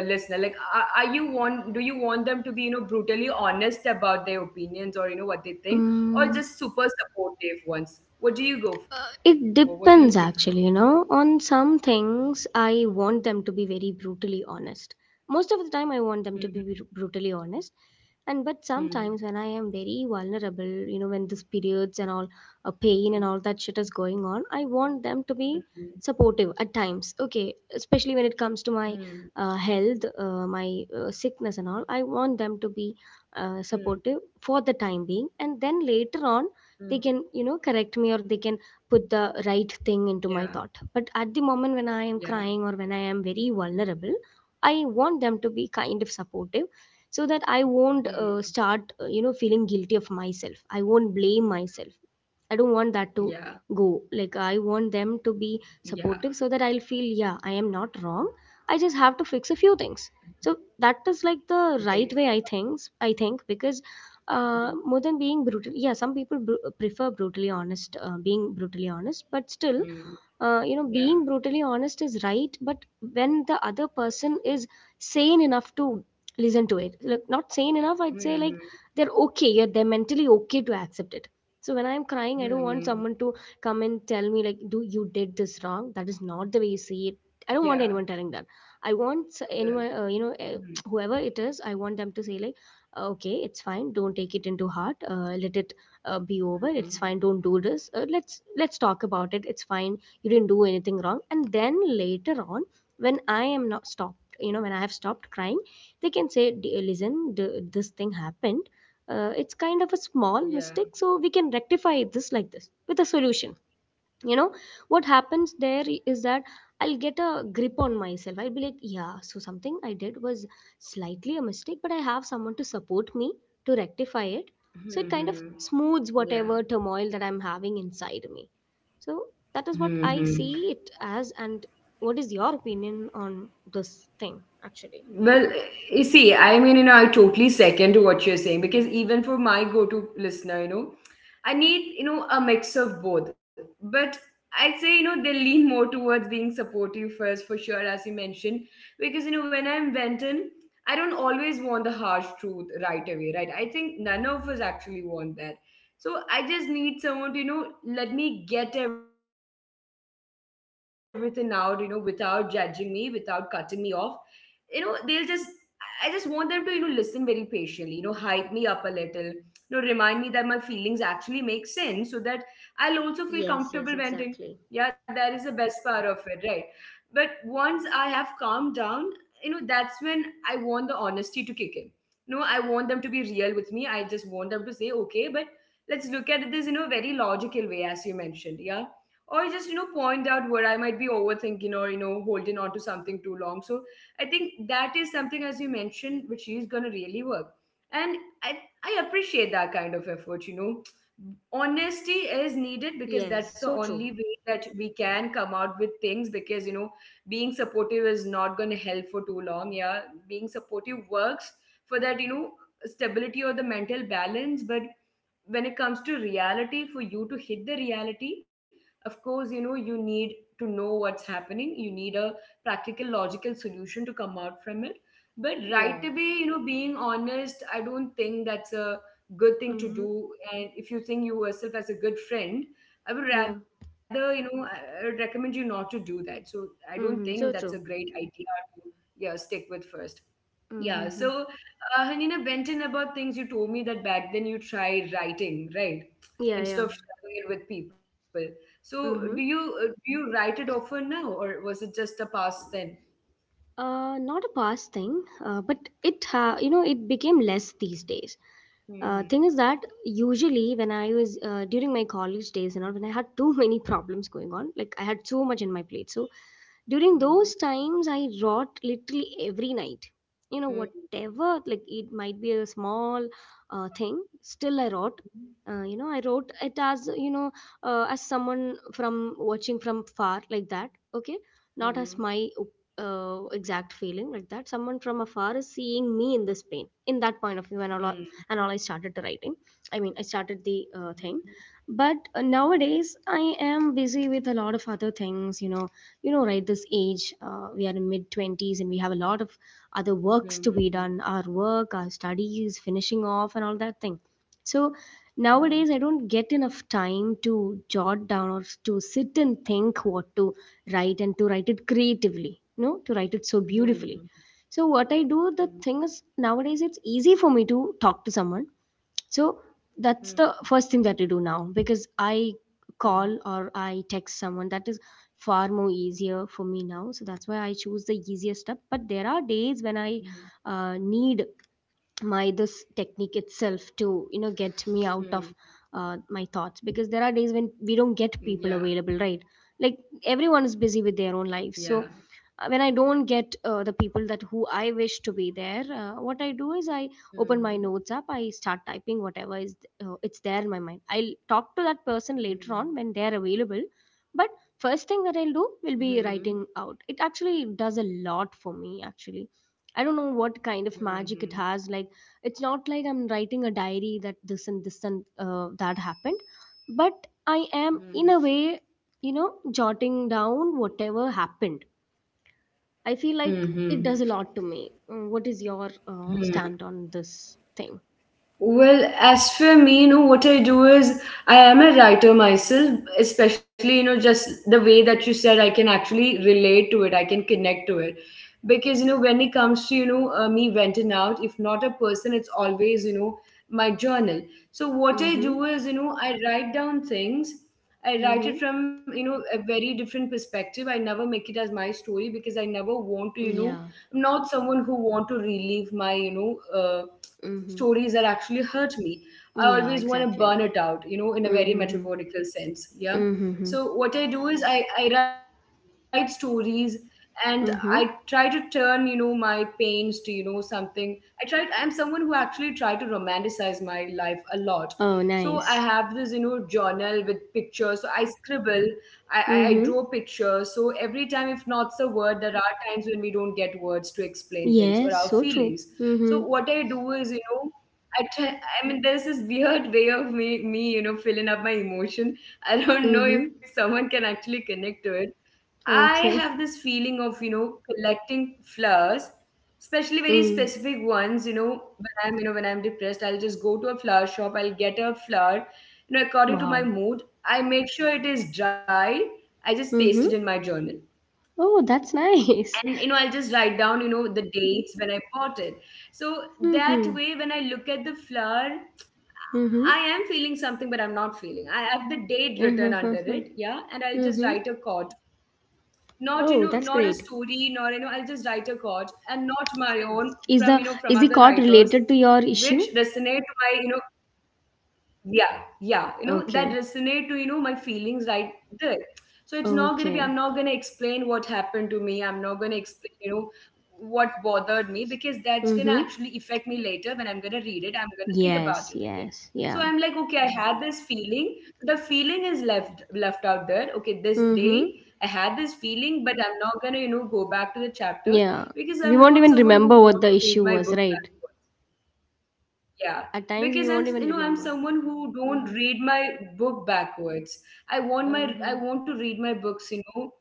listener, like, are you want do you want them to be, brutally honest about their opinions, or, what they think,
Mm.
or just super supportive ones? What do you go for?
It
What do you
depends
prefer?
actually, you know. On some things, I want them to be very brutally honest. Most of the time, I want them to be
Hmm,
brutally honest. And but sometimes when I
hmm,
am very vulnerable, you know, when this periods and all, a pain and all that
hmm,
shit is going on, I want them to be
hmm,
supportive at times. Okay, especially when it comes to my
hmm.
health, my sickness and all, I want them to be supportive
Mm,
for the time being, and then later on they can, you know,
mm,
correct me or they can put the right thing into my thought.
yeah,
But at the moment when I am crying or
yeah,
when I am very vulnerable, I want them to be kind of supportive so that I won't start,
mm,
you know, feeling guilty of myself. I won't blame myself. I don't want that to go.
yeah,
Like, I want them to be
yeah,
supportive so that I'll feel, yeah, I am not wrong. I just have to fix a few things. So that is like the right way I
great.
think. I think because more than
Mm,
being brutal, yeah, some people prefer brutally honest, being brutally honest, but still,
mm,
you know, being
yeah,
brutally honest is right, but when the other person is sane enough to listen to it, like not sane enough, I'd say like they're
mm-hmm,
okay, yeah, they're mentally okay to accept it. So when I'm crying, I don't want someone to
mm-hmm,
come and tell me like, "Do you did this wrong? That is not the way you see it." I
yeah,
don't want anyone telling that. I want
yeah,
anyone, you know,
mm-hmm,
whoever it is, I want them to say like, okay, it's fine, don't take it into heart, let it be over, it's fine, don't do this, let's talk about it, it's fine, you didn't do anything wrong. And then later on, when I am not stopped you know, when I have stopped crying, they can say, "D- listen, this thing happened, it's kind of a small
yeah,
mistake, so we can rectify this like this with a solution, you know." What happens there is that I'll get a grip on myself, I'll be like, yeah, so something I did was slightly a mistake, but I have someone to support me to rectify it. So it kind of
mm-hmm,
smooths
yeah,
whatever turmoil that I'm having inside me. So that is what I
mm-hmm.
see it as. And what is your opinion on this thing actually?
Well, you see, I mean, I totally second to what you're saying, because even for my go-to listener, I need, a mix of both. But I'd say, they lean more towards being supportive first for sure, as you mentioned, because, when I'm venting, I don't always want the harsh truth right away, right? I think none of us actually want that. So I just need someone to, let me get everything out, without judging me, without cutting me off. They'll just I just want them to, listen very patiently, hype me up a little, remind me that my feelings actually make sense, so that I'll also feel comfortable venting.
Yes,
Yeah,
yes,
that is the best
exactly.
part of it, right? But once I have calmed down, that's when I want the honesty to kick in. No, I want them to be real with me. I just want them to say, okay, but let's look at this in a very logical way, as you mentioned. Yeah, or just, point out where I might be overthinking, or, holding on to something too long. So I think that is something, as you mentioned, which is going to really work. And I, I appreciate that kind of effort. Honesty is needed, because
Yes,
that's the
so true.
only way that we can come out with things, because, being supportive is not going to help for too long. Yeah, being supportive works for that, stability or the mental balance. But when it comes to reality, for you to hit the reality, of course, you need to know what's happening. You need a practical, logical solution to come out from it. But
Yeah.
right away, being honest, I don't think that's a good thing to
Mm-hmm.
do. And if you think you yourself as a good friend, I would
Yeah.
rather, I would recommend you not to do that. So I don't think
Mm-hmm.
that's
So
a
true.
great idea to— Yeah, stick with first. Yeah,
Mm-hmm.
so, Hanina went in about things you told me that back then you tried writing, right?
Yeah, yeah.
Instead of sharing it with people. So
Mm-hmm.
do you write it often now, or was it just a past then?
Not a past thing, but you know, it became less these days. Thing is
Mm-hmm,
that usually when I was during my college days and all, when I had too many problems going on, like I had so much in my plate. So during
mm-hmm,
those times, I wrought literally every night. You know, whatever,
mm-hmm,
like it might be a small thing, still I wrought. You know, I wrote it as, you know, as someone from watching from far like that. Okay, not as
mm-hmm,
my exact feeling, like that someone from afar is seeing me in this pain in that point of view and all, I started writing, I mean, I started the thing. But nowadays I am busy with a lot of other things, you know. You know, right this age, we are in mid 20s and we have a lot of other works to be
mm-hmm,
done, our work, our studies finishing off and all that thing. So nowadays I don't get enough time to jot down or to sit and think what to right and to write it creatively, no, to write it so
mm-hmm,
beautifully. So what I do, the thing is, nowadays it's easy for me to talk to someone. So that's
hmm,
the first thing that I do now, because I call or I text someone, that is far more easier for me now. So that's why I choose the easiest step. But there are days when I need my this technique itself to, you know, get me out
hmm.
of my thoughts, because there are days when we don't get
Yeah,
people available, right? Like everyone is busy with their
yeah.
own life. So when I don't get the people that who I wish to be there, what I do is I open
Mm-hmm,
my notes up, I start typing whatever is it's there in my mind. I'll talk to that person later
hmm,
on when they're available. But first thing that I'll
hmm,
do
hmm, hmm. Mhm,
will be
mhm. Yeah,
writing out. It actually does a lot for me actually. I don't know what
yeah.
kind
Mhm,
of
mhm, mhm,
magic
mhm,
it has. Like it's not like I'm writing a diary that this and this and that happened, but I am,
mhm,
in a way, you know jotting down whatever happened. I feel like it
mhm.
does a lot to me. What is your
Hmm.
stand on this thing?
Well, as for me, what I do is, I am a writer myself, especially, just the way that you said, I can actually relate to it, I can connect to it. Because, you know, when it comes to, you know, me venting out, if not a person, it's always, you know, my journal. So what I
Mm-hmm.
do is, you know, I write down things. I write
Mm-hmm.
it from, you know, a very different perspective. I never make it as my story because I never want to, you know,
Yeah.
I'm not someone who want to relive my, you know,
Mm-hmm.
stories that actually hurt me. I always
Yeah,
want to burn
exactly.
it out, you know, in a very
Mm-hmm.
metaphorical sense. Yeah.
Mm-hmm.
So what I do is I write stories and I try to
Mm-hmm.
turn, you know, my pains to, you know, something. I'm someone who actually try to romanticize my life a lot. So
Oh,
I have this,
nice.
you know, journal with pictures. So I scribble, I draw
Mm-hmm.
pictures. So every time, if not's a word, there are times when we don't get words to explain things or our
Yes, so
feelings.
true.
So
Mm-hmm.
what I do is, you know, I mean, there's this weird way of you know, filling up my emotion. I don't know
Mm-hmm.
if someone can actually connect to it. I
Okay.
have this feeling of, you know, collecting flowers, especially very
Mm.
specific ones. You know, when I'm, you know, when I'm depressed, I'll just go to a flower shop. I'll get a flower, you know, according to
Wow.
my mood. I make sure it is dry. I just
Mm-hmm.
paste it in my journal,
Oh,
and
that's
you know, I'll just
nice.
write down, you know, the dates when I bought it. So that way, when I
Mhm.
look at the flower, I am
Mhm.
feeling something, but I'm not feeling. I have the date written under it. Yeah.
Mhm.
And I'll just write a
Mhm.
chord, not, you know, not a
Oh,
story,
that's
nor, you
great.
know, I'll just write a chord, and not my own, from, you know, from
Is
other
the is the
writers
chord related to your
which
issue?
resonate to my, you know, yeah, yeah, you know, that
Okay.
resonate to, you know, my feelings, right? There. So it's not gonna be,
Okay.
I'm not gonna explain what happened to me, I'm not gonna explain, you know, what bothered me, because that's gonna
Mhm.
actually affect me later when I'm gonna read it, I'm gonna think about
Yes,
it again.
yes.
So
Yeah.
I'm like, okay, I had this feeling. So the feeling is left out there. Okay, this
Mhm.
day I had this feeling, but I'm not gonna, you know, go back to the chapter,
Yeah.
because
We
I'm
won't
not
even
someone who
remember what
wants
the
to read
issue
my
was,
book.
right?
Yeah,
At times we
because I'm,
won't even
you know, I'm
remember.
someone who don't
Mhm.
read my book backwards. I
Uh-huh.
want to read my books, you know,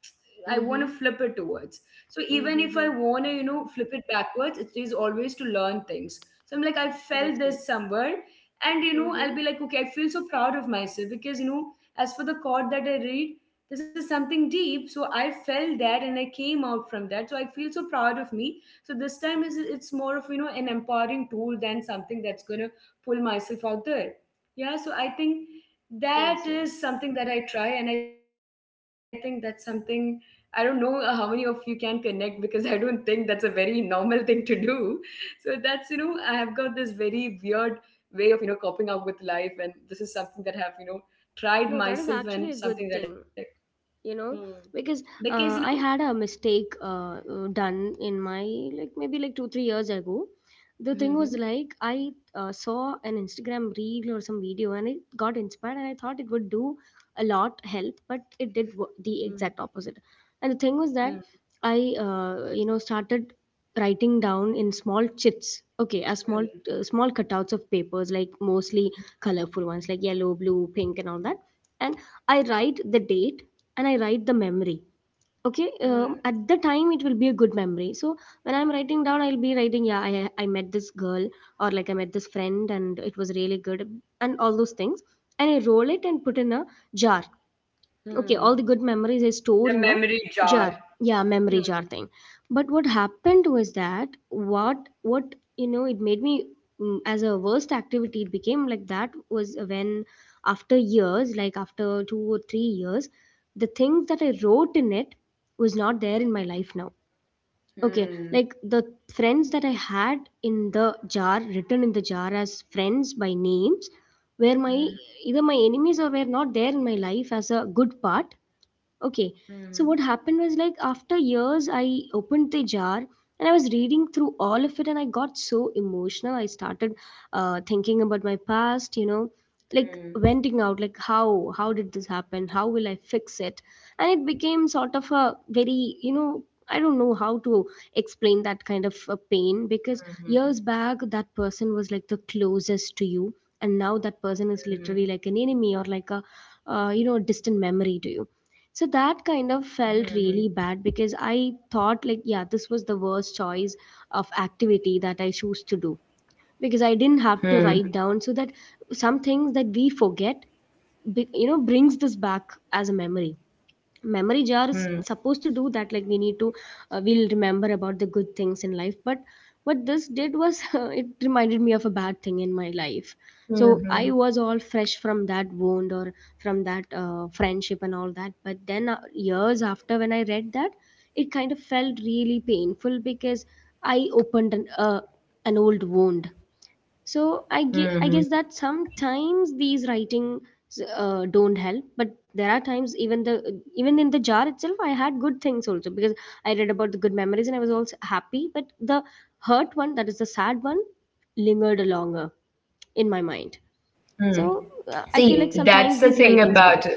I want to
Mhm.
flip it towards. So
Mhm.
even if I
Mhm.
want to, you know, flip it backwards, it is always to learn things. So I'm like, I
That's
felt
good.
this somewhere, and you know, I'll
Mhm.
be like, okay, I feel so proud of myself, because you know, as for the chord that I read, this is something deep. So I felt that, and I came out from that. So I feel so proud of me. So this time, is it's more of, you know, an empowering tool than something that's going to pull myself out there. Yeah, so I think
Yes,
that
yes.
is something that I try, and I think that's something, I don't know how many of you can connect, because I don't think that's a very normal thing to do. So that's, you know, I have got this very weird way of, you know, coping up with life, and this is something that I have, you know,
No, that
tried
is actually a
myself,
good
and
thing.
something that I,
you know
hmm.
because
Because you
I
know,
had a mistake done in my, like, maybe like 2 3 years ago. The thing was, like,
hmm,
I saw an Instagram reel or some video, and I got inspired, and I thought it would do a lot help, but it did the
hmm,
exact opposite. And the thing was
hmm,
that I started writing down in small chits, okay, as small, small
hmm,
cutouts of papers, like, mostly colorful ones like yellow, blue, pink and all that. And I write the date, and I write the memory. Okay,
hmm.
at the time it will be a good memory. So when I'm writing down, I'll be writing, yeah, I met this girl, or like, I met this friend and it was really good and all those things. And I roll it and put in a jar. Okay, all the good
Hmm.
memories I
The
store in a
memory jar.
jar. Yeah, memory
Hmm.
jar thing. But what happened was that, what what it made me, as a worst activity, it became, like, that was when after years, like, after 2 or 3 years, the things that I wrote in it was not there in my life now. Okay, like, the
Hmm.
friends that I had in the jar, written in the jar as friends by names, were my, either
Hmm.
my enemies or were not there in my life as a good part. Okay. So what
Hmm.
happened was, like, after years I opened the jar, and I was reading through all of it, and I got so emotional. I started thinking about my past, you know, like venting
Hmm.
out, like how did this happen? How will I fix it? And it became sort of a very, I don't know how to explain that kind of a pain, because years
Hmm.
back that person was like the closest to you, and now that person is literally like an
Hmm.
enemy or like a distant memory to you. So that kind of felt
Hmm.
really bad because I thought, like, yeah, this was the worst choice of activity that I choose to do. Because I didn't have to
Hmm.
write down, so that some things that we forget, brings this back as a memory. Memory jar is
Hmm.
supposed to do that, like, we need to— we'll remember about the good things in life, but what this did was it reminded me of a bad thing in my life. So I
Hmm.
was all fresh from that wound, or from that friendship and all that, but then years after when I read that, it kind of felt really painful, because I opened an old wound. So I guess
Hmm.
that sometimes these writings don't help, but there are times, even in the jar itself, I had good things also, because I read about the good memories and I was also happy. But the hurt one, that is the sad one, lingered longer in my mind.
Hmm.
So I feel like
See, that's
sometimes
the
these
thing
writings
about.
work.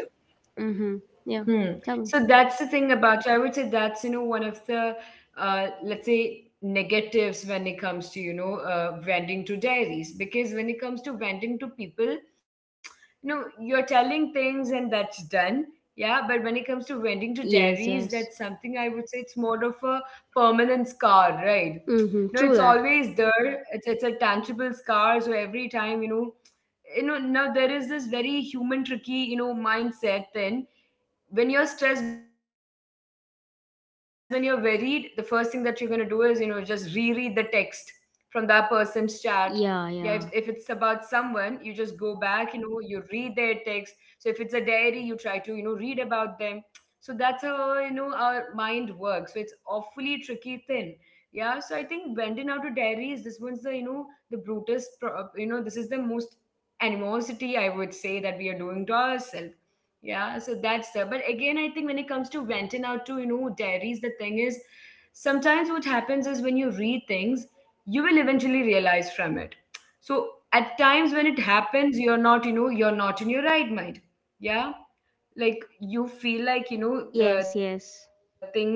Mm-hmm. Yeah.
Hmm.
Tell me.
So that's the thing about you. I would say that's, you know, one of the, let's say, negatives when it comes to, you know, vending to dairies, because when it comes to vending to people, you know, you're telling things and that's done. Yeah, but when it comes to vending to
Yes.
dairies,
Yes.
that's something I would say it's more of a permanent scar, right?
Mm-hmm. True
No,
that.
it's always there. It's a tangible scar. So every time, you know, you know, now there is this very human tricky, you know, mindset. Then when you're stressed, when you're worried, the first thing that you're going to do is, you know, just reread the text from that person's chat. Yeah, if it's about
Yeah.
someone, you
Yeah.
just go back, you know, you read their text. So if it's a diary, you try to, you know, read about them. So that's how, you know, our mind works. So it's awfully tricky thing. Yeah. So I think vending out to diaries, this one's the, you know, the brutest, you know, this is the most animosity, I would say, that we are doing to ourselves. Yeah, so that's there. But again, I think when it comes to renting out to, you know, dairies, the thing is, sometimes what happens is when you read things, you will eventually realize from it. So at times when it happens, you're not, you know, you're not in your right mind. Yeah, like you feel like, you know,
Yes. Yes.
things happen,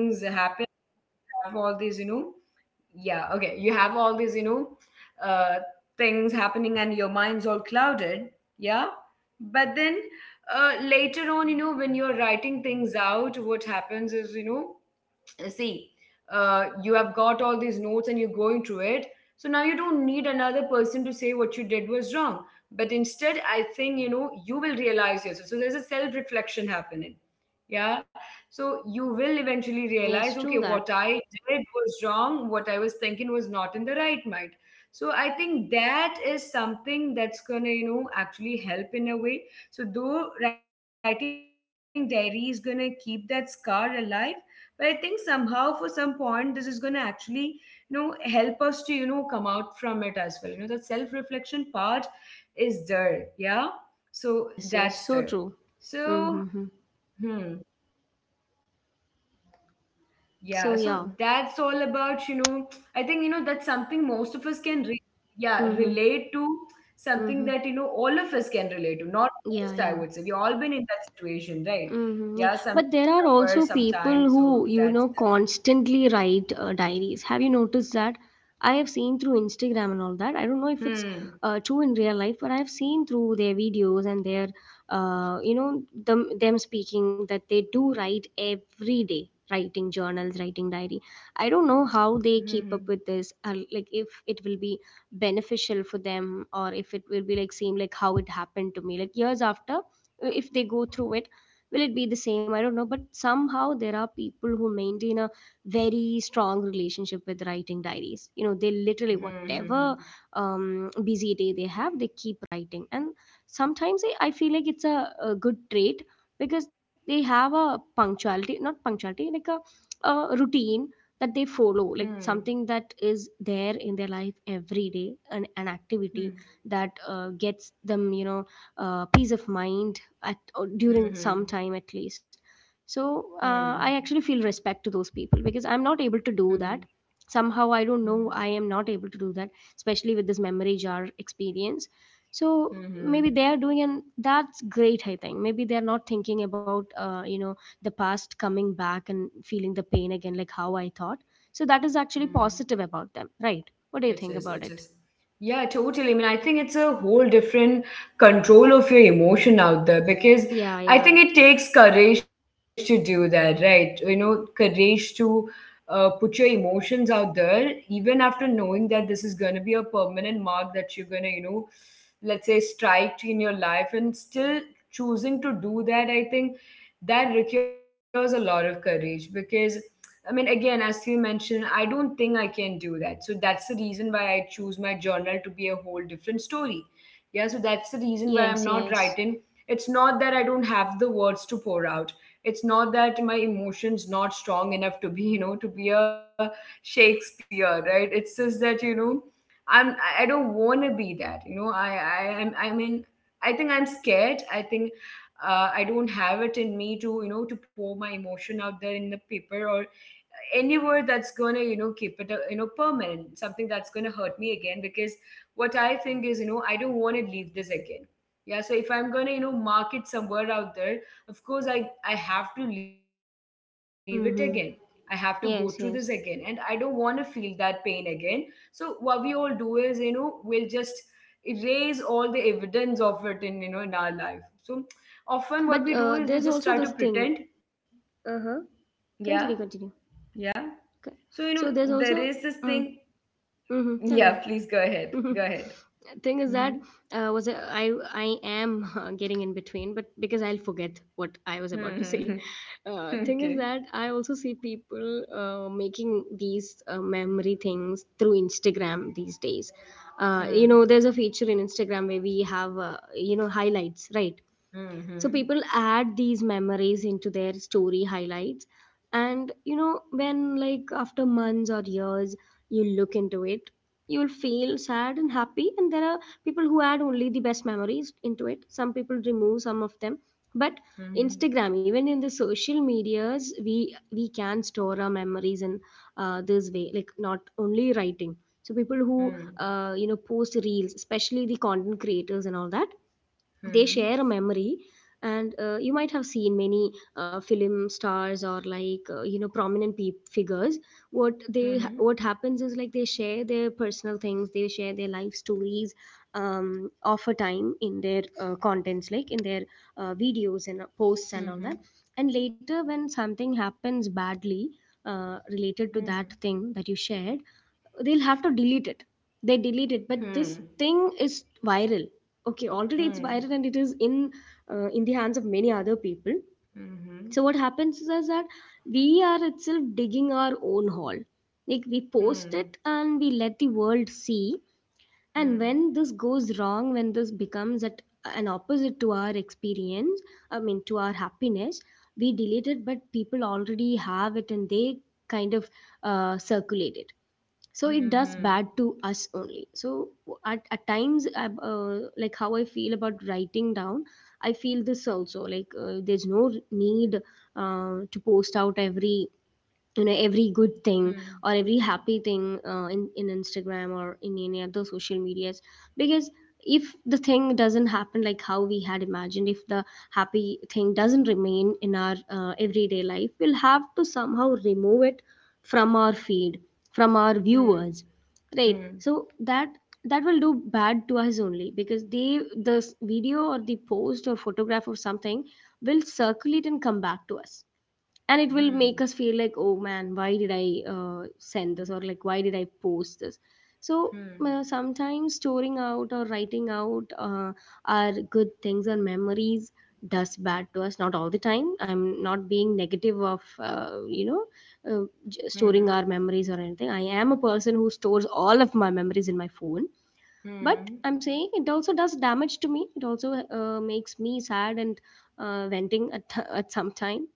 have all these, you know, yeah, okay, you have all these, you know, uh, things happening, and your mind's all clouded. Yeah, but then later on, you know, when you're writing things out, what happens is, you know, see, you have got all these notes and you're going through it. So now you don't need another person to say what you did was wrong, but instead, I think, you know, you will realize yourself. So there's a self reflection happening. Yeah, so you will eventually
Mm,
realize,
yes.
okay,
True
what
that.
I did was wrong, what I was thinking was not in the right mind. So I think that is something that's gonna, you know, actually help in a way. So though writing diary is gonna keep that scar alive, but I think somehow for some point this is going to actually, you know, help us to, you know, come out from it as well. You know, that self reflection part is there. Yeah,
Yes.
so
Yes. So
that's
true.
there.
Mm-hmm.
So hmm, yeah, so that's all
So
about, you
yeah.
know, I think, you know, that's something most of us can yeah, relate to,
Mhm.
something that, you know, all of us can
Mhm.
relate to, not most, I would say we all been in
Yeah,
that
yeah.
situation, right? Yeah, some,
Hmm, yeah,
somewhere,
but there are
sometime, so
also
that's
people who, constantly write diaries. Have you noticed that? I have seen through Instagram and all that. I don't know if it's
hmm.
true in real life, but I have seen through their videos and their, them speaking that they do write every day, writing journals, writing diary. I don't know how they keep up with
Mhm.
this. Like, if it will be beneficial for them, or if it will be like same, like how it happened to me, like years after. If they go through it, will it be the same? I don't know, but somehow there are people who maintain a very strong relationship with writing diaries, they literally,
Mhm,
whatever
mhm,
busy day they have, they keep writing. And sometimes, I feel like it's a good trait, because they have a punctuality, not punctuality, like a routine that they follow, like
mhm.
something that is there in their life every day, an activity
Mhm,
that gets them, peace of mind, at or during some time,
mhm,
at least. So
mhm,
I actually feel respect to those people, because I'm not able to do
mhm,
that. Somehow I don't know, I
mhm,
am not able to do that, especially with this memory jar experience. So maybe they
mhm,
are doing and that's great. I think maybe they're not thinking about the past coming back and feeling the pain again, like how I thought. So that is
mhm,
actually
mhm.
positive about them, right? What do you
It
think
is,
about
it
it?
is. Yeah, totally. I mean, I think it's a whole different control of your emotion out there, because
Yeah,
I
yeah.
think it takes courage to do that, right? You know, courage to put your emotions out there, even after knowing that this is going to be a permanent mark that you're going to, you know, let's say, strike in your life, and still choosing to do that. I think that requires a lot of courage, because I mean, again, as you mentioned, I don't think I can do that. So that's the reason why I choose my journal to be a whole different story. Yeah, so that's the reason why I'm
Yes,
not
yes.
writing. It's not that I don't have the words to pour out. It's not that my emotions not strong enough to be, you know, to be a Shakespeare, right? It's just that, you know, I don't wanna be that. You know, I mean, I think I'm scared. I think I don't have it in me to, you know, to pour my emotion out there in the paper, or anywhere that's gonna, you know, keep it, you know, permanent, something that's gonna hurt me again, because what I think is, you know, I don't want to leave this again. Yeah, so if I'm gonna, you know, mark it somewhere out there, of course I have to leave it again, I have to
Mm-hmm.
go through this again, and I
Yes,
don't
yes.
want to feel that pain again. So what we all do is, you know, we'll just erase all the evidence of it in, you know, in our life. So often what we do is we
But
just try to
there's also
pretend.
this thing. Uh huh.
Yeah,
Continue, continue.
yeah,
Okay.
so, you
So
know,
there's
there is
also.
this thing.
Mm, mm-hmm, tell
Yeah, please go ahead.
me.
Go ahead.
Thing is that
Mm-hmm.
I am getting in between, but because I'll forget what I was about to say.
Mm-hmm.
Thing is
Okay.
that I also see people making these memory things through Instagram these days.
Mm-hmm.
There's a feature in Instagram where we have highlights, right? So people
Mm-hmm.
add these memories into their story highlights, and, when, like, after months or years you look into it, you'll feel sad and happy. And there are people who add only the best memories into it, some people remove some of them. But
Mm-hmm.
Instagram, even in the social medias, we can store our memories in this way, like, not only writing. So people who post reels, especially the content creators and all that, they share a
Mm-hmm.
memory. And you might have seen many film stars, or like prominent peop figures,
Hmm.
what happens is, like, they share their personal things, they share their life stories, of a time in their contents, like in their videos and posts and all that.
Hmm.
And later when something happens badly related to that thing that you shared, they'll have to delete it. They delete it, but this thing is viral. Okay, already it's viral and it is in the hands of many other people.
Hmm. Hmm.
So
Hmm.
what happens is, that we are itself digging our own hole. Like, we post it and we let the world see, and when this goes wrong, when this becomes at an opposite to our experience, I mean, to our happiness, we delete it, but people already have it and they kind of circulate it. So
Hmm.
it
Hmm.
does
Hmm.
bad to us only. So at times like how I feel about writing down, I feel this also, like, there's no need, to post out every, every good
Hmm.
thing or every happy thing, in Instagram or in any other social medias, because if the thing doesn't happen like how we had imagined, if the happy thing doesn't remain in our everyday life, we'll have to somehow remove it from our feed, from our
Hmm.
viewers, right?
Hmm.
So that that will do bad to us only because they, video or the post or photograph or something will circulate and come back to us.
Hmm. Hmm.
And it
Hmm.
will make us feel like, oh man, why did I send this, or like, why did I post this. So
Hmm.
sometimes storing out or writing out our good things or memories does bad to us, not all the time, I'm not being negative of
Hmm.
storing our memories or anything. I am a person who stores all of my memories in my phone,
Hmm. Hmm.
but
Hmm.
I'm saying it also does damage to me, it also makes me sad and venting at some time.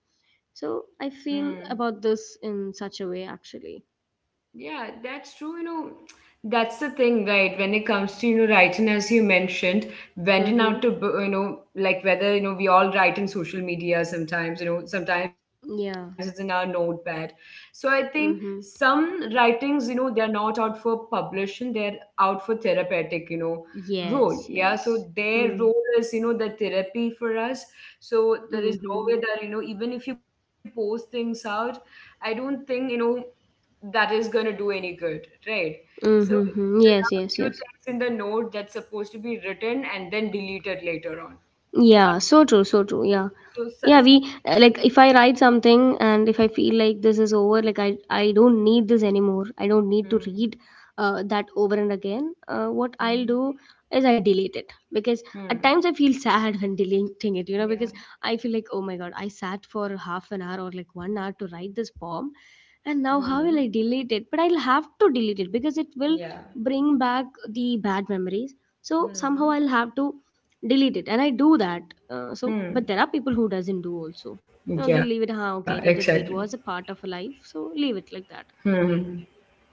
So I
Hmm.
feel about this in such a way actually.
Yeah, that's true. You know, that's the thing, right? When it comes to, you know, writing, as you mentioned, venting out
Mm-hmm.
to, you know, like whether, you know, we all write in social media sometimes, you know, sometimes it's in our
Yeah.
notepad. So I think
Mm-hmm.
some writings, they are not out for publishing, they're out for therapeutic, role.
Yes,
Yeah. So
yes.
their
Mm.
role is, the therapy for us. So there is no
Mm-hmm.
way that, even if you post things out, I don't think, that is going to do any good, right? So
Mm-hmm. Mm-hmm.
there
Yes,
are a
yes,
few
yes.
things in the note that's supposed to be written and then deleted later on. Yeah.
Yeah, so true, so true. Yeah.
So, so,
Yeah, we— like,
so
if I write something and if I feel like this is over, like I don't need this anymore, I don't need to read
mm,
that over and again, what I'll do
mhm,
is I delete it, because
Hmm.
at times I feel sad when deleting it, because
Yeah.
I feel like, oh my god, I sat for half an hour or like 1 hour to write this poem, and now how will I
hmm
delete it? But I'll have to delete it because it will
Yeah.
bring back the bad memories. So somehow I'll have
hmm
to delete it, and I do that. So but there are people
Hmm.
who doesn't do also, you know, they leave it. Huh,
Yeah.
okay, let it
Exactly.
be, it was a part of life, so leave it like that.
Hmm.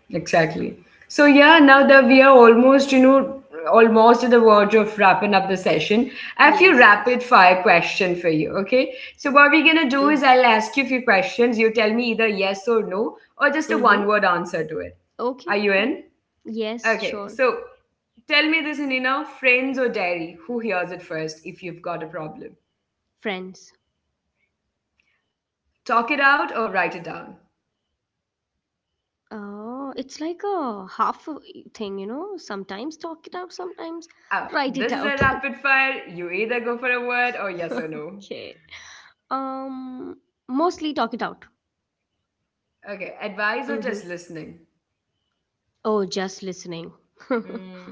Exactly. So yeah, now that we are almost, almost at the verge of wrapping up the session, I have a few
Yes, yes.
rapid fire question for you. Okay. So what we're gonna do is I'll ask you a few questions. You tell me either yes or no, or just a
Mm-hmm.
one word answer to it.
Okay,
Are you
fine.
in?
Yes,
Okay.
sure.
So tell me this, Nina, friends or diary, who hears it first if you've got a problem?
Friends.
Talk it out or write it down.
Oh, it's like a
So,
half a thing, you know, sometimes talk it out, sometimes write it
oh,
out.
this is a rapid fire. You either go for a word or yes or
Okay,
no.
um mostly talk it out.
Okay, advice or
Mm-hmm.
just listening?
Oh, just listening.
Mm,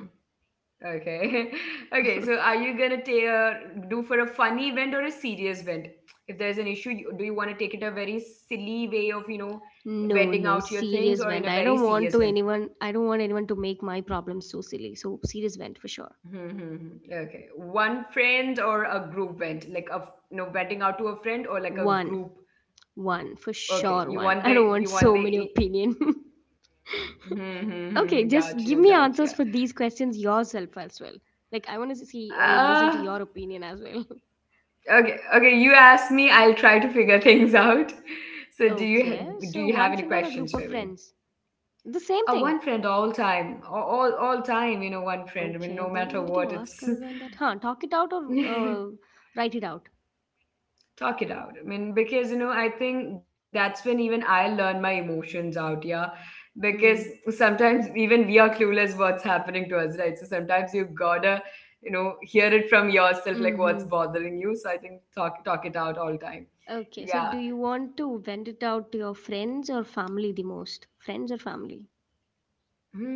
okay. Okay, so are you gonna do for a funny event or a serious event? If there's an issue, do you want to take it a very silly way of, you know,
No,
venting
no,
out your things
serious
or in
vent.
a
I
very
don't want
serious
to
event?
anyone. I don't want anyone to make my problems so silly. So serious vent for sure.
Hmm. Okay. One friend or a group vent, like you know, venting out to a friend or like a
One,
group.
one for
Okay,
sure. One. I don't want so many opinion. Okay,
hmm,
just give
gotcha,
me answers
gotcha.
for these questions yourself as well. Like, I want to see, listen to
Uh,
your opinion as well.
Okay, okay, you ask me, I'll try to figure things out. So do you
Okay,
do
so
you have
one
any
friend or a
questions
group of
for me?
friends. The same thing.
One friend all time, all time, you know, one friend. I mean,
Okay,
no
then
matter
what did you
what,
ask
it's
other than that? Huh? Talk it out or write it out.
talk it out. I mean, because you know, I think that's when even I learn my emotions out, yeah. Because
Mm.
sometimes even we are clueless what's happening to us, right? So sometimes you gotta, you know, hear it from yourself, like what's
Hmm.
bothering you. So I think talk it out all time.
Okay, so do
Yeah.
you want to vent it out to your friends or family the most? Friends or family?
Hmm,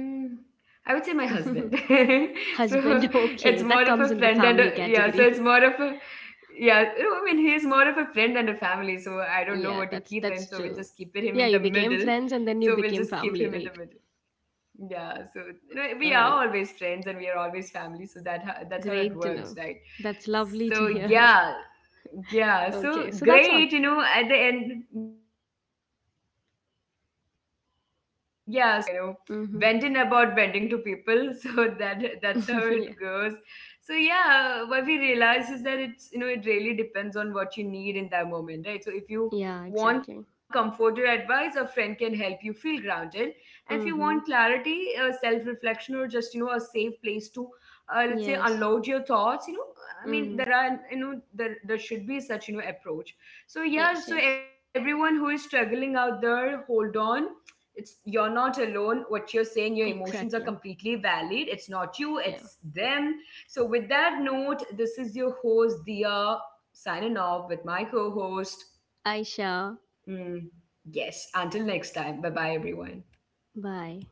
I would say my husband. So it's
Husband.
more of a
Okay,
friend
that
and
comes
a,
in the
yeah, so
family
it's more of
category.
a yeah, no, I mean he's more of a friend and a family, so I don't know what to keep
Yeah,
him,
that's
so we'll
that's
just keep
true.
him in the
Yeah, you
middle.
became friends
So
and
we'll
then you
just keep
became
him in the
family,
middle.
right?
Yeah, so you know we are
Oh,
always friends and we are always family, so that's how it
great to
works,
know.
right?
That's lovely to
So
hear.
yeah, yeah so
Okay, so that's all.
Great, you know, at the end, yeah, so that's how it is, you know, it was wonderful talking to you, Hanina, you know,
Mm-hmm.
venting about venting to people. So that's how it
Yeah.
goes. So yeah, what we realize is that it's, you know, it really depends on what you need in that moment, right? So if you
Yeah, exactly.
want comfort or advice, a friend can help you feel grounded. And if you
Mm-hmm.
want clarity, self-reflection, or just, you know, a safe place to, let's say,
Yes.
unload your thoughts, you know, I
Mm-hmm.
mean, there are, you know, there should be such, you know, approach.
Yes,
So,
yes.
yeah, so everyone who is struggling out there, hold on. It's you're not alone. What you're saying, your emotions are
Exactly.
completely valid. It's not you,
Yeah.
it's them. So, with that note, this is your host, Dia, signing off with my co host.
Aisha,
Mm, yes, until next time. Bye bye, everyone.
bye.